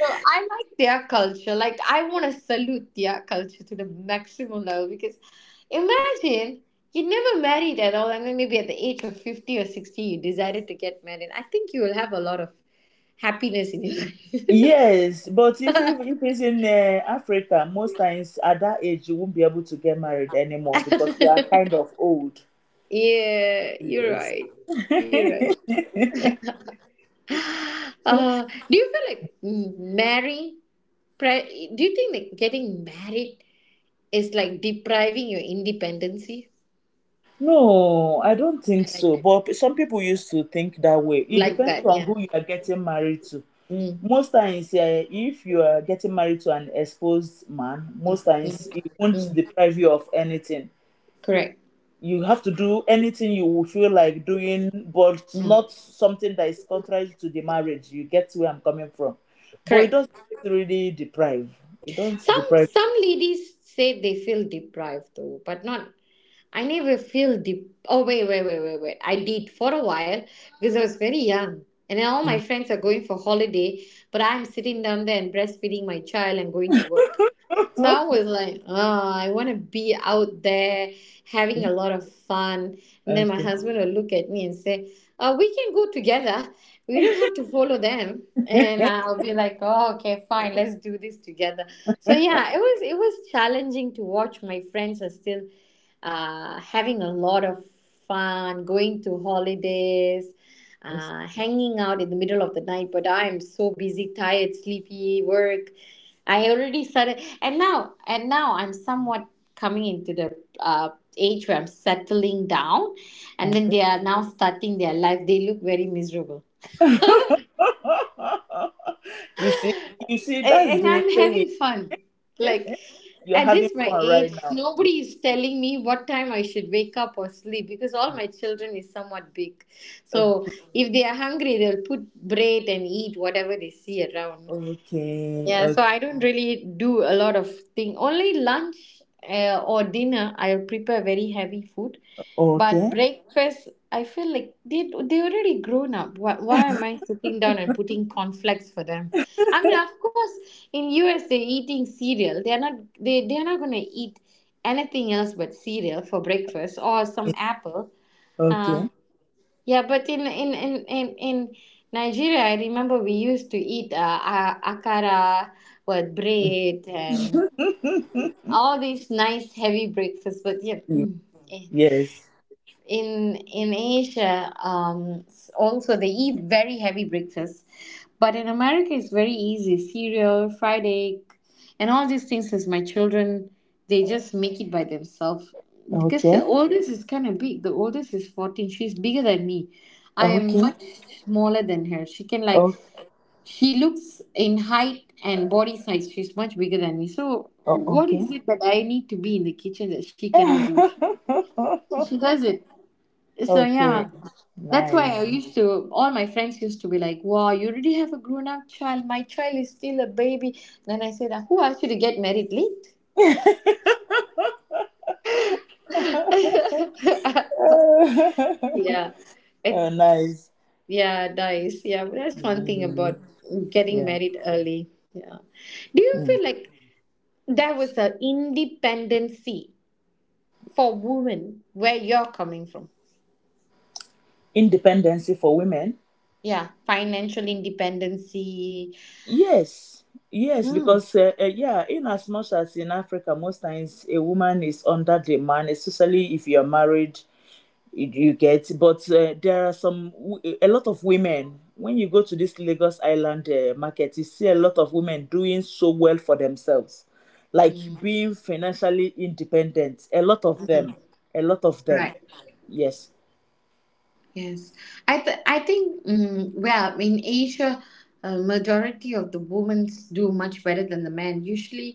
A: know, I like their culture. Like, I want to salute their culture to the maximum level because imagine you never married at all and then maybe at the age of 50 or 60 you decided to get married. I think you will have a lot of happiness in your life.
B: Yes, but if it's in Africa, most times at that age, you won't be able to get married anymore because you are kind of old.
A: Yeah, you're
B: Yes.
A: right. You're right. Do you feel like married pri~ do you think that getting married is like depriving your independency?
B: No, I don't think
A: I like
B: so. But some people used to think that way. It
A: like
B: depends
A: that,
B: on
A: yeah.
B: who you are getting married to.
A: Mm,
B: Most times, eh, if you are getting married to an exposed man, most
A: mm,
B: times he won't
A: mm,
B: deprive you of anything.
A: correct,
B: You have to do anything you will feel like doing, but
A: mm,
B: not something that is contrary to the marriage. You get where I'm coming from. But it doesn't
A: correct.
B: really deprive. It doesn't
A: some
B: deprive
A: some ladies say they feel deprived though, but not I never feel the, oh, wait, I did for a while because I was very young and then all my friends are going for holiday, but I'm sitting down there and breastfeeding my child and going to work. So I was like, oh, I want to be out there having a
B: you.
A: lot of fun. And then my
B: Okay.
A: husband will look at me and say, we can go together. We don't have to follow them. And I'll be like, oh, okay, fine, let's do this together. So yeah, it was challenging to watch my friends are still having a lot of fun, going to holidays,
B: Yes.
A: hanging out in the middle of the night. But I am so busy, tired, sleepy, work. I already started, and now I'm somewhat coming into the age where I'm settling down, and then
B: Okay.
A: they are now starting their life. They look very miserable.
B: That's
A: And
B: the
A: I'm
B: saying.
A: having fun. Like
B: You're
A: at
B: having
A: this my
B: fun right
A: age,
B: now. Yeah.
A: nobody is telling me what time I should wake up or sleep because all
B: Yeah.
A: my children is somewhat big. So
B: Okay.
A: if they are hungry, they'll put bread and eat whatever they see around.
B: Okay.
A: Yeah, so I don't really do a lot of thing. Only lunch or dinner, I'll prepare very heavy food.
B: Okay.
A: But
B: Okay.
A: breakfast, I feel like they already grown up. Why am I sitting down and putting cornflakes for them? I mean, of course, in US they're eating cereal. They are not they are not gonna eat anything else but cereal for breakfast or some apple.
B: Okay.
A: Uh, yeah, but in Nigeria, I remember we used to eat akara with bread and all these nice heavy breakfasts. But yeah,
B: Ye-
A: mm, eh,
B: yes.
A: in Asia, also they eat very heavy breakfast, but in America it's very easy, cereal, fried egg, and all these things. As my children, they just make it by themselves because the
B: Okay.
A: oldest is kind of big. The oldest is 14. She's bigger than me. I am
B: Okay.
A: much smaller than her. She can like,
B: Okay.
A: she looks in height and body size, she's much bigger than me. So
B: o-
A: what
B: Okay.
A: is it that I need to be in the kitchen that she cannot do? She does it. So
B: okay.
A: yeah. That's why I
B: Nice.
A: used to, all my friends used to be like, wow, you already have a grown up child. My child is still a baby. Then I said, who asked you to get married late?
B: oh,
A: Yeah. It,
B: nice.
A: yeah, dies. Yeah, but that's one thing
B: Mm,
A: about getting
B: Yeah.
A: married early. Yeah. Do you feel
B: Mm.
A: like there was an independency for women where you're coming from?
B: Independency for women.
A: Yeah, financial independency.
B: Yes, yes,
A: Hmm.
B: because yeah in as much as in africa most times a woman is under the man especially if you're married you get but there are some a lot of women when you go to this lagos island market you see a lot of women doing so well for themselves like
A: Hmm.
B: being financially independent a lot of them
A: Right.
B: yes
A: Yes, I think, mm, well in Asia, majority of the women do much better than the men. Usually,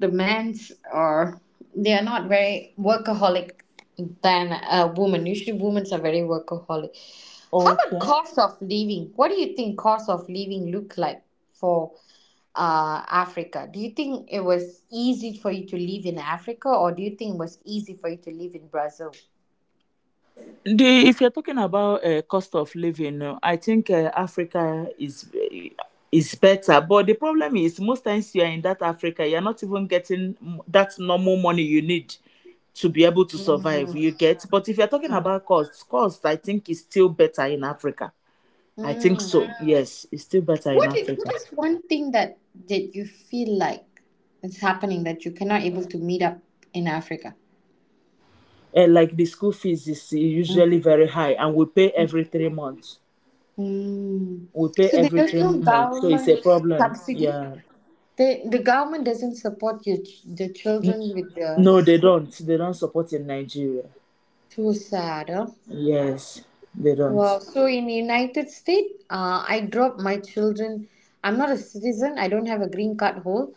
A: the men's are they are not very workaholic than a woman. Usually, women are very workaholic. How about
B: okay.
A: cost of living? What do you think cost of living look like for Africa? Do you think it was easy for you to live in Africa, or do you think it was easy for you to live in Brazil?
B: The if you're talking about cost of living, I think Africa is better. But the problem is most times you are in that Africa, you're not even getting m- that normal money you need to be able to survive.
A: Mm,
B: You get, but if you're talking
A: hmm.
B: about cost, I think is still better in Africa. I think so. Yes, it's still better in
A: What
B: Africa.
A: is one thing that you feel like is happening that you cannot able to meet up in Africa?
B: And like the school fees is
A: Mm.
B: usually very high, and we pay every 3 months.
A: Mm.
B: We pay
A: So
B: every
A: there's
B: three
A: no
B: months, so it's a
A: government
B: problem.
A: subsidy.
B: Yeah.
A: The government doesn't support your the
B: N-
A: children with the
B: No, they
A: school.
B: don't. They don't support in Nigeria.
A: Too sad, huh?
B: Yes, they
A: Wow.
B: don't.
A: So in United States, I drop my children. I'm not a citizen. I don't have a green card hold.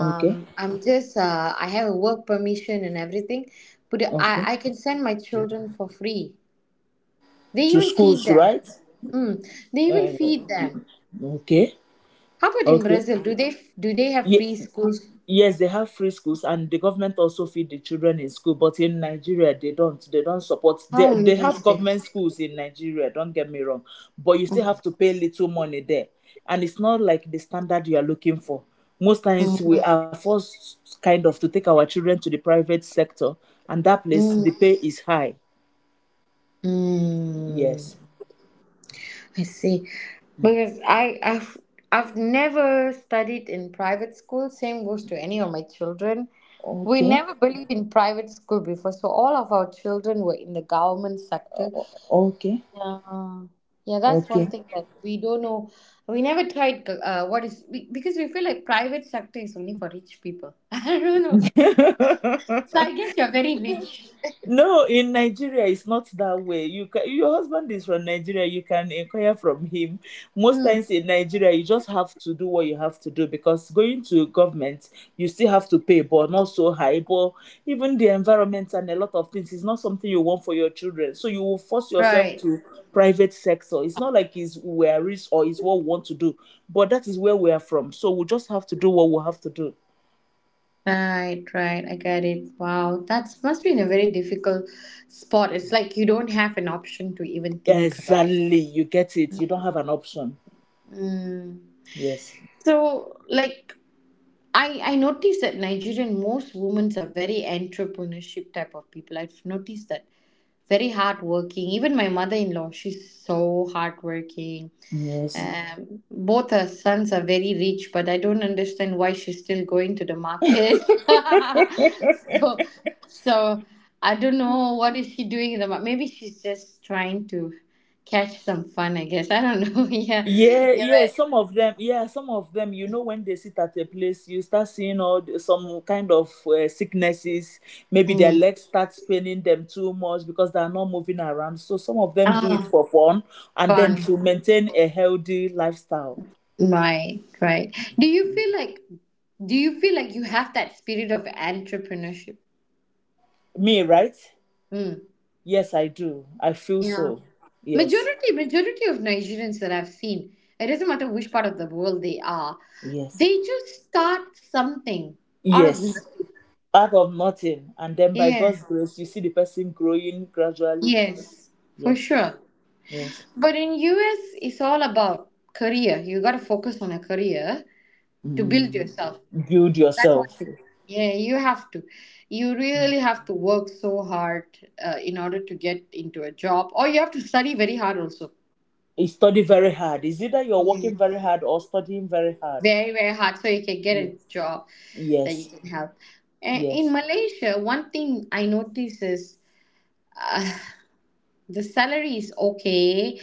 B: Okay,
A: I'm just I have a work permission and everything, but
B: okay.
A: I can send my children for free. They
B: To
A: even feed
B: schools,
A: them.
B: right?
A: Mm, they even
B: Uh,
A: feed them.
B: okay,
A: How about in
B: okay.
A: Brazil? Do they have
B: Yeah,
A: free schools?
B: Yes, they have free schools, and the government also feed the children in school. But in Nigeria, they don't. They don't support. They
A: How
B: they have
A: interesting.
B: government schools in Nigeria. Don't get me wrong, but you still have to pay little money there, and it's not like the standard you are looking for. Most times, we
A: Mm,
B: are forced kind of to take our children to the private sector, and that place
A: mm,
B: the pay is high. Yes.
A: mm. I see. Because I've never studied in private school. Same goes to any of my children. We
B: Okay.
A: never believe in private school before, so all of our children were in the government sector.
B: Okay.
A: Yeah, yeah, that's one
B: Okay.
A: thing that we don't know. We never tried what is be because we feel like private sector is only for rich people. I don't know. So I guess you're very rich.
B: No, in Nigeria, it's not that way. You can, your husband is from Nigeria, you can inquire from him. Most
A: Mm,
B: times in Nigeria, you just have to do what you have to do because going to government, you still have to pay, but not so high. But even the environment and a lot of things is not something you want for your children. So you will force yourself
A: right.
B: to private sector. It's not like it's we are rich or it's what we want to do, but that is where we are from. So we just have to do what we have to do.
A: Right, right. I get it. Wow, that's must be in a very difficult spot. It's like you don't have an option to even think about.
B: Exactly, you get it. You don't have an option.
A: Mm.
B: Yes.
A: So, like, I noticed that Nigerian most women are very entrepreneurship type of people. I've noticed that very hardworking. Even my mother in law, she's so hardworking.
B: Yes.
A: Both her sons are very rich, but I don't understand why she's still going to the market. so, so I don't know what is she doing in the market. Maybe she's just trying to catch some fun, I guess. I don't know. Yeah,
B: Yeah, yeah,
A: yeah,
B: some of them, when they sit at a place, you start seeing some kind of sicknesses.
A: but
B: Maybe their
A: mm.
B: legs start spinning them too much because they are not moving around. So some of them do it
A: Ah,
B: for fun and then
A: fun.
B: to maintain a healthy lifestyle.
A: Right, right. Do you feel like you have that spirit of entrepreneurship?
B: Me, right?
A: Mm.
B: Yes, I do. I feel
A: Yeah.
B: so. Yes,
A: Majority of Nigerians that I've seen, it doesn't matter which part of the world they are,
B: yes,
A: they just start something out of
B: yes.
A: nothing.
B: Out of nothing. And then by
A: Yeah.
B: God's grace, you see the person growing gradually.
A: Yes, for
B: Yes,
A: sure.
B: yes.
A: But in US, it's all about career. You got to focus on a career to build
B: Mm.
A: yourself.
B: Build
A: That's one
B: yourself.
A: thing. Yeah, you have to. You
B: Mm.
A: really have to work so hard in order to get into a job, or you have to study very hard also.
B: You study very hard. It's either you're
A: Yeah.
B: working very hard or studying very hard.
A: Very very hard so you can get a
B: Yes.
A: job that you
B: Yes.
A: can help. And in
B: Yes.
A: Malaysia, one thing I notice is the salary is okay.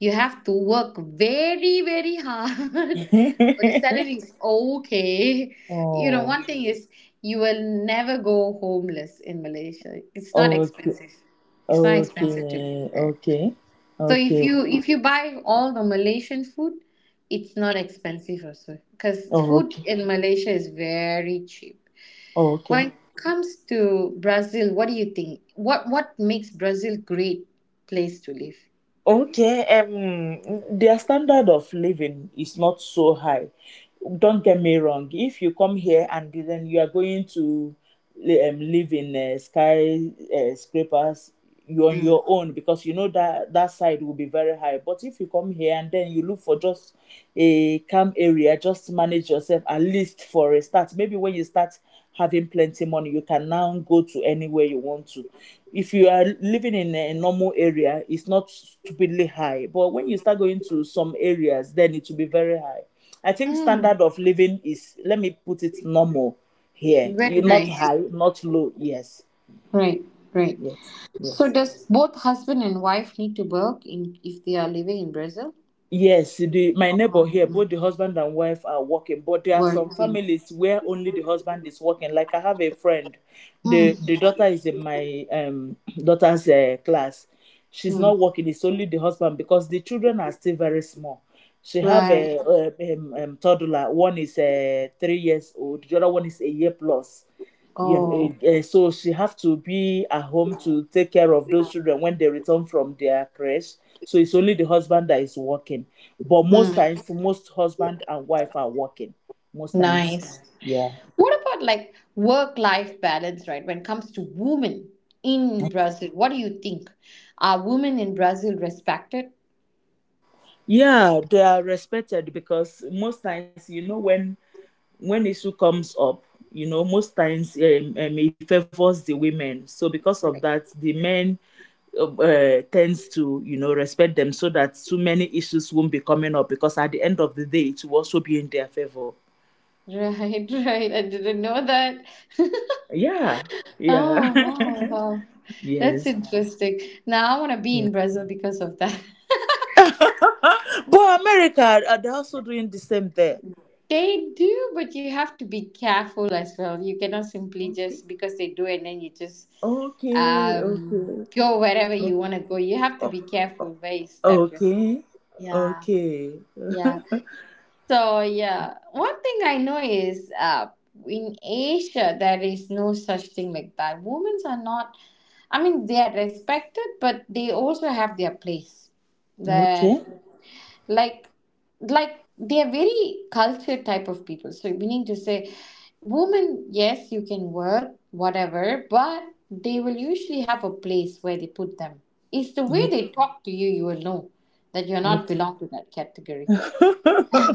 A: You have to work very very hard, but the salary is okay. You know,
B: Oh.
A: one thing is you will never go homeless in Malaysia. It's not
B: Okay.
A: expensive. It's not expensive to live
B: Okay.
A: there.
B: Okay.
A: So if
B: Okay.
A: you buy all the Malaysian food, it's not expensive also, because
B: Oh,
A: food
B: okay.
A: in Malaysia is very cheap.
B: Oh,
A: When
B: okay.
A: it comes to Brazil, what do you think? What makes Brazil great place to live?
B: Okay. Their standard of living is not so high. Don't get me wrong. If you come here and then you are going to live in sky scrapers. You're on
A: Mm.
B: your own because you know that side will be very high. But if you come here and then you look for just a calm area, just manage yourself at least for a start. Maybe when you start having plenty money, you can now go to anywhere you want to. If you are living in a normal area, it's not stupidly high. But when you start going to some areas, then it will be very high. I think
A: Mm,
B: standard of living is, let me put it, normal here. You
A: very
B: not
A: nice.
B: high, not low. Yes.
A: Right, right.
B: Yes.
A: So
B: Yes.
A: does both husband and wife need to work in if they are living in Brazil?
B: Yes, my neighbor here, both the husband and wife are working, but there are some
A: Working.
B: families where only the husband is working. Like I have a friend, the
A: Hmm.
B: the daughter is in my daughter's class. She's not
A: Hmm.
B: working; it's only the husband because the children are still very small. She have
A: Right.
B: a, a toddler. One is 3 years old. The other one is a year plus,
A: Oh.
B: so she have to be at home to take care of those children when they return from their crash. So it's only the husband that is working, but most
A: Hmm.
B: times, most husband and wife are working. Most times.
A: Nice.
B: Yeah,
A: What about like work life balance, right? When it comes to women in Brazil, what do you think? Are women in Brazil respected?
B: yeah, they are respected because most times, when issue comes up, most times it favors the women. So because of that, the men tends to respect them so that too many issues won't be coming up, because at the end of the day it will also be in their favor.
A: Right, right. I didn't know that.
B: Yeah, yeah.
A: Oh, wow, wow.
B: Yes,
A: That's interesting. Now I want to be
B: yeah.
A: in Brazil because of that.
B: But America, they're also doing the same there.
A: They do, but you have to be careful as well. You cannot simply
B: Okay,
A: just because they do and then you just
B: okay,
A: um
B: okay.
A: go wherever you want to go. You have to
B: O-
A: be
B: o-
A: careful where you step yourself.
B: okay,
A: Yeah,
B: okay.
A: yeah. So yeah, one thing I know is in Asia there is no such thing like that. Women are not. I mean, they are respected, but they also have their place.
B: Okay,
A: Then, like, like they are very cultured type of people. So meaning to say, women, yes, you can work whatever, but they will usually have a place where they put them. It's the way
B: okay,
A: they talk to you. You will know that you're not
B: okay.
A: belong to that category.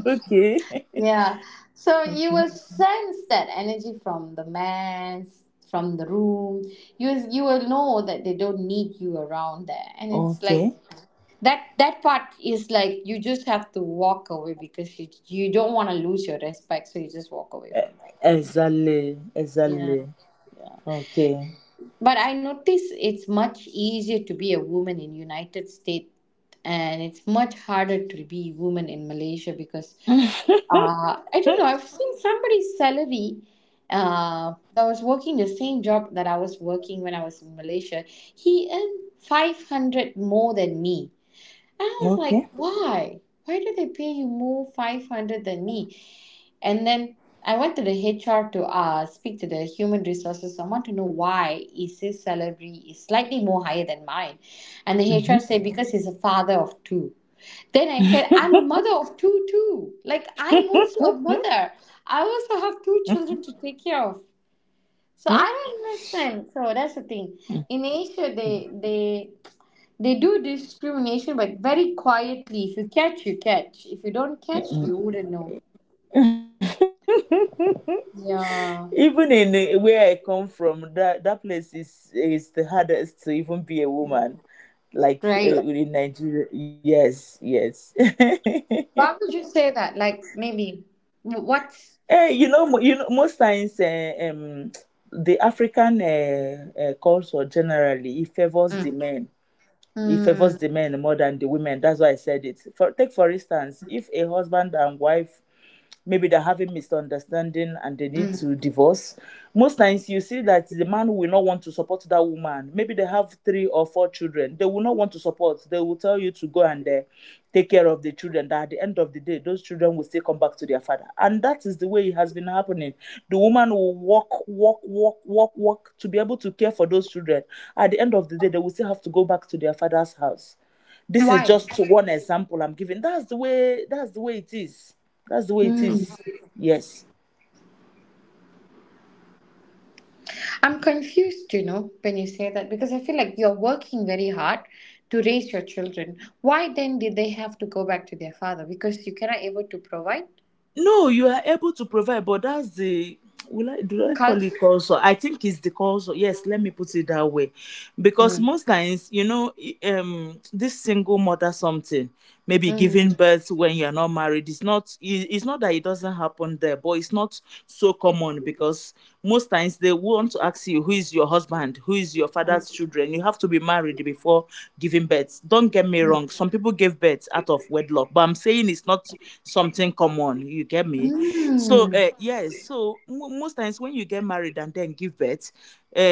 B: Okay,
A: Yeah. So you
B: okay,
A: will sense that energy from the man, from the room. You will know that they don't need you around there. And it's like
B: okay.
A: that part is like you just have to walk away because you don't want to lose your respect, so you just walk away
B: Eh,
A: from them.
B: exactly,
A: Yeah.
B: exactly.
A: Yeah.
B: Okay.
A: But I notice it's much easier to be a woman in United States and it's much harder to be woman in Malaysia because uh, I don't know. I've seen somebody's salary that was working the same job that I was working when I was in Malaysia. He earned 500 more than me. And I was
B: Okay.
A: like, why? Why do they pay you more 500 than me? And then I went to the HR to speak to the human resources. I want to know why is his salary is slightly more higher than mine. And the
B: Mm-hmm.
A: HR said, because he's a father of two. Then I said, I'm a mother of two too. Like I'm also a mother. I also have two children to take care of. So I don't understand. So that's the thing. In Asia, they do discrimination, but very quietly. If you catch, you catch. If you don't catch, you wouldn't know.
B: Even
A: Yeah,
B: in, where I come from, that place is the hardest to even be a woman. Like,
A: right.
B: in Nigeria, yes, yes.
A: Why would you say that? Like maybe
B: Eh,
A: what's
B: most times, the African culture generally, it favors the
A: mm,
B: men. He favors the
A: mm,
B: men more than the women. That's why I said it. For instance, if a husband and wife maybe they're having misunderstanding and they need to
A: mm.
B: divorce, most times you see that the man will not want to support that woman. Maybe they have three or four children, they will not want to support. They will tell you to go and take care of the children, that at the end of the day those children will still come back to their father, and that is the way it has been happening. The woman will walk, walk, walk, walk, walk to be able to care for those children. At the end of the day, they will still have to go back to their father's house. This is
A: Why?
B: just one example I'm giving. That's the way it is. That's the way it
A: Mm.
B: is. Yes.
A: I'm confused, you know, when you say that because I feel like you're working very hard to raise your children. Why then did they have to go back to their father? Because you cannot able to provide
B: No, you are able to provide, but that's the, will I, do I call it,
A: culture.
B: also? I think it's the also. Yes, let me put it that way, because
A: Mm.
B: most times, this single mother something, maybe giving
A: Mm.
B: birth when you are not married. It's not. It's not that it doesn't happen there, but it's not so common, because most times they want to ask you who is your husband, who is your father's children. You have to be married before giving birth. Don't get me wrong. Some people give birth out of wedlock, but I'm saying it's not something common, you get me? so
A: Mm.
B: uh, yes so mo most times when you get married and then give birth,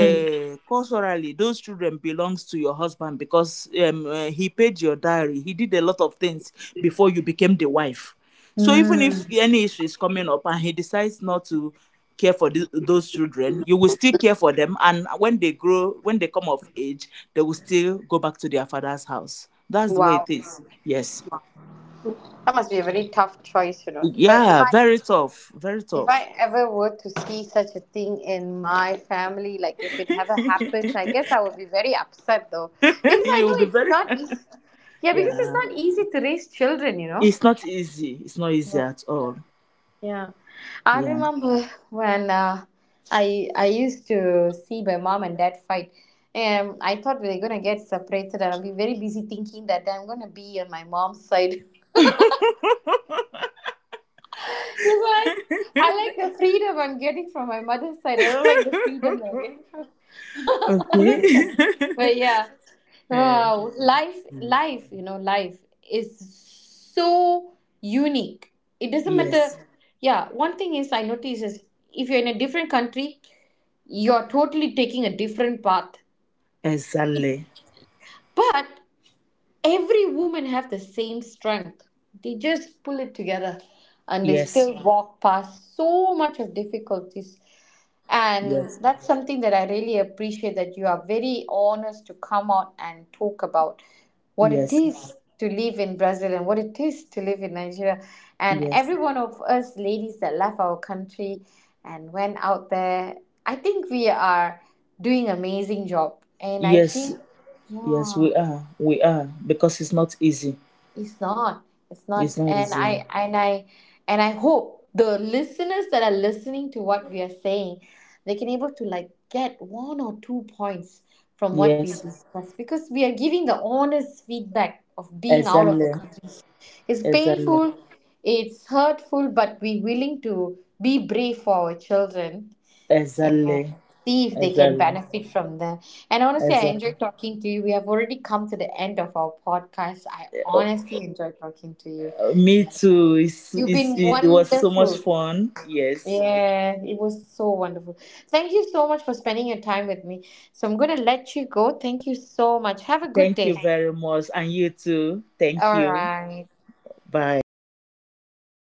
A: Mm.
B: culturally those children belongs to your husband because he paid your diary, he did a lot of things before you became the wife. So even
A: Mm.
B: if any issue is coming up and he decides not to care for those children, you will still care for them. And when they grow, when they come of age, they will still go back to their father's house. That's the way
A: Wow.
B: it is. Yes.
A: That must be a very tough choice, you know. If I, if
B: Yeah,
A: I
B: very tough. Very
A: if I
B: tough.
A: ever were to see such a thing in my family, like if it ever happens, I guess I would be very upset though, because I know
B: You'll be
A: it's
B: very.
A: not easy. Yeah, because it's
B: Yeah.
A: not easy to raise children, you know.
B: It's not easy. It's not easy
A: Yeah.
B: at all.
A: Yeah. I
B: Yeah.
A: remember when I used to see my mom and dad fight. I thought we were gonna get separated, and I'll be very busy thinking that I'm gonna be on my mom's side. Because I like the freedom I'm getting from my mother's side. I don't like the freedom I'm getting from
B: Okay.
A: other side. But yeah,
B: Eh.
A: wow,
B: Mm.
A: you know, life is so unique. It doesn't matter.
B: Yes.
A: Yeah, one thing is I notice is if you're in a different country, you're totally taking a different path.
B: Exactly.
A: But every woman have the same strength. They just pull it together and they
B: Yes.
A: still walk past so much of difficulties, and
B: Yes.
A: that's something that I really appreciate that you are very honest to come out and talk about what it
B: Yes.
A: is to live in Brazil and what it is to live in Nigeria, and
B: Yes.
A: every one of us ladies that left our country and went out there, I think we are doing amazing job, and I
B: Yes.
A: think
B: Yes,
A: yeah,
B: we are. We are. Because it's not easy.
A: it's not. It's
B: It's
A: not.
B: not
A: And
B: easy.
A: I and I and I hope the listeners that are listening to what we are saying, they can able to like get one or two points from what we
B: Yes.
A: discuss because we are giving the honest feedback of being out of the
B: Exactly.
A: country. It's
B: Exactly.
A: painful, it's hurtful, but we're willing to be brave for our children,
B: Exactly.
A: see if they can
B: Exactly.
A: benefit from them. And honestly, I
B: Exactly.
A: enjoyed talking to you. We have already come to the end of our podcast. I honestly enjoyed talking to you.
B: Me too. It's,
A: You've
B: it's,
A: been
B: it it was so much
A: wonderful.
B: fun. Yes.
A: Yeah, it was so wonderful. Thank you so much for spending your time with me. So I'm going to let you go. Thank you so much. Have a good
B: Thank you
A: day.
B: very much. And you too. Thank
A: All
B: you.
A: right.
B: Bye.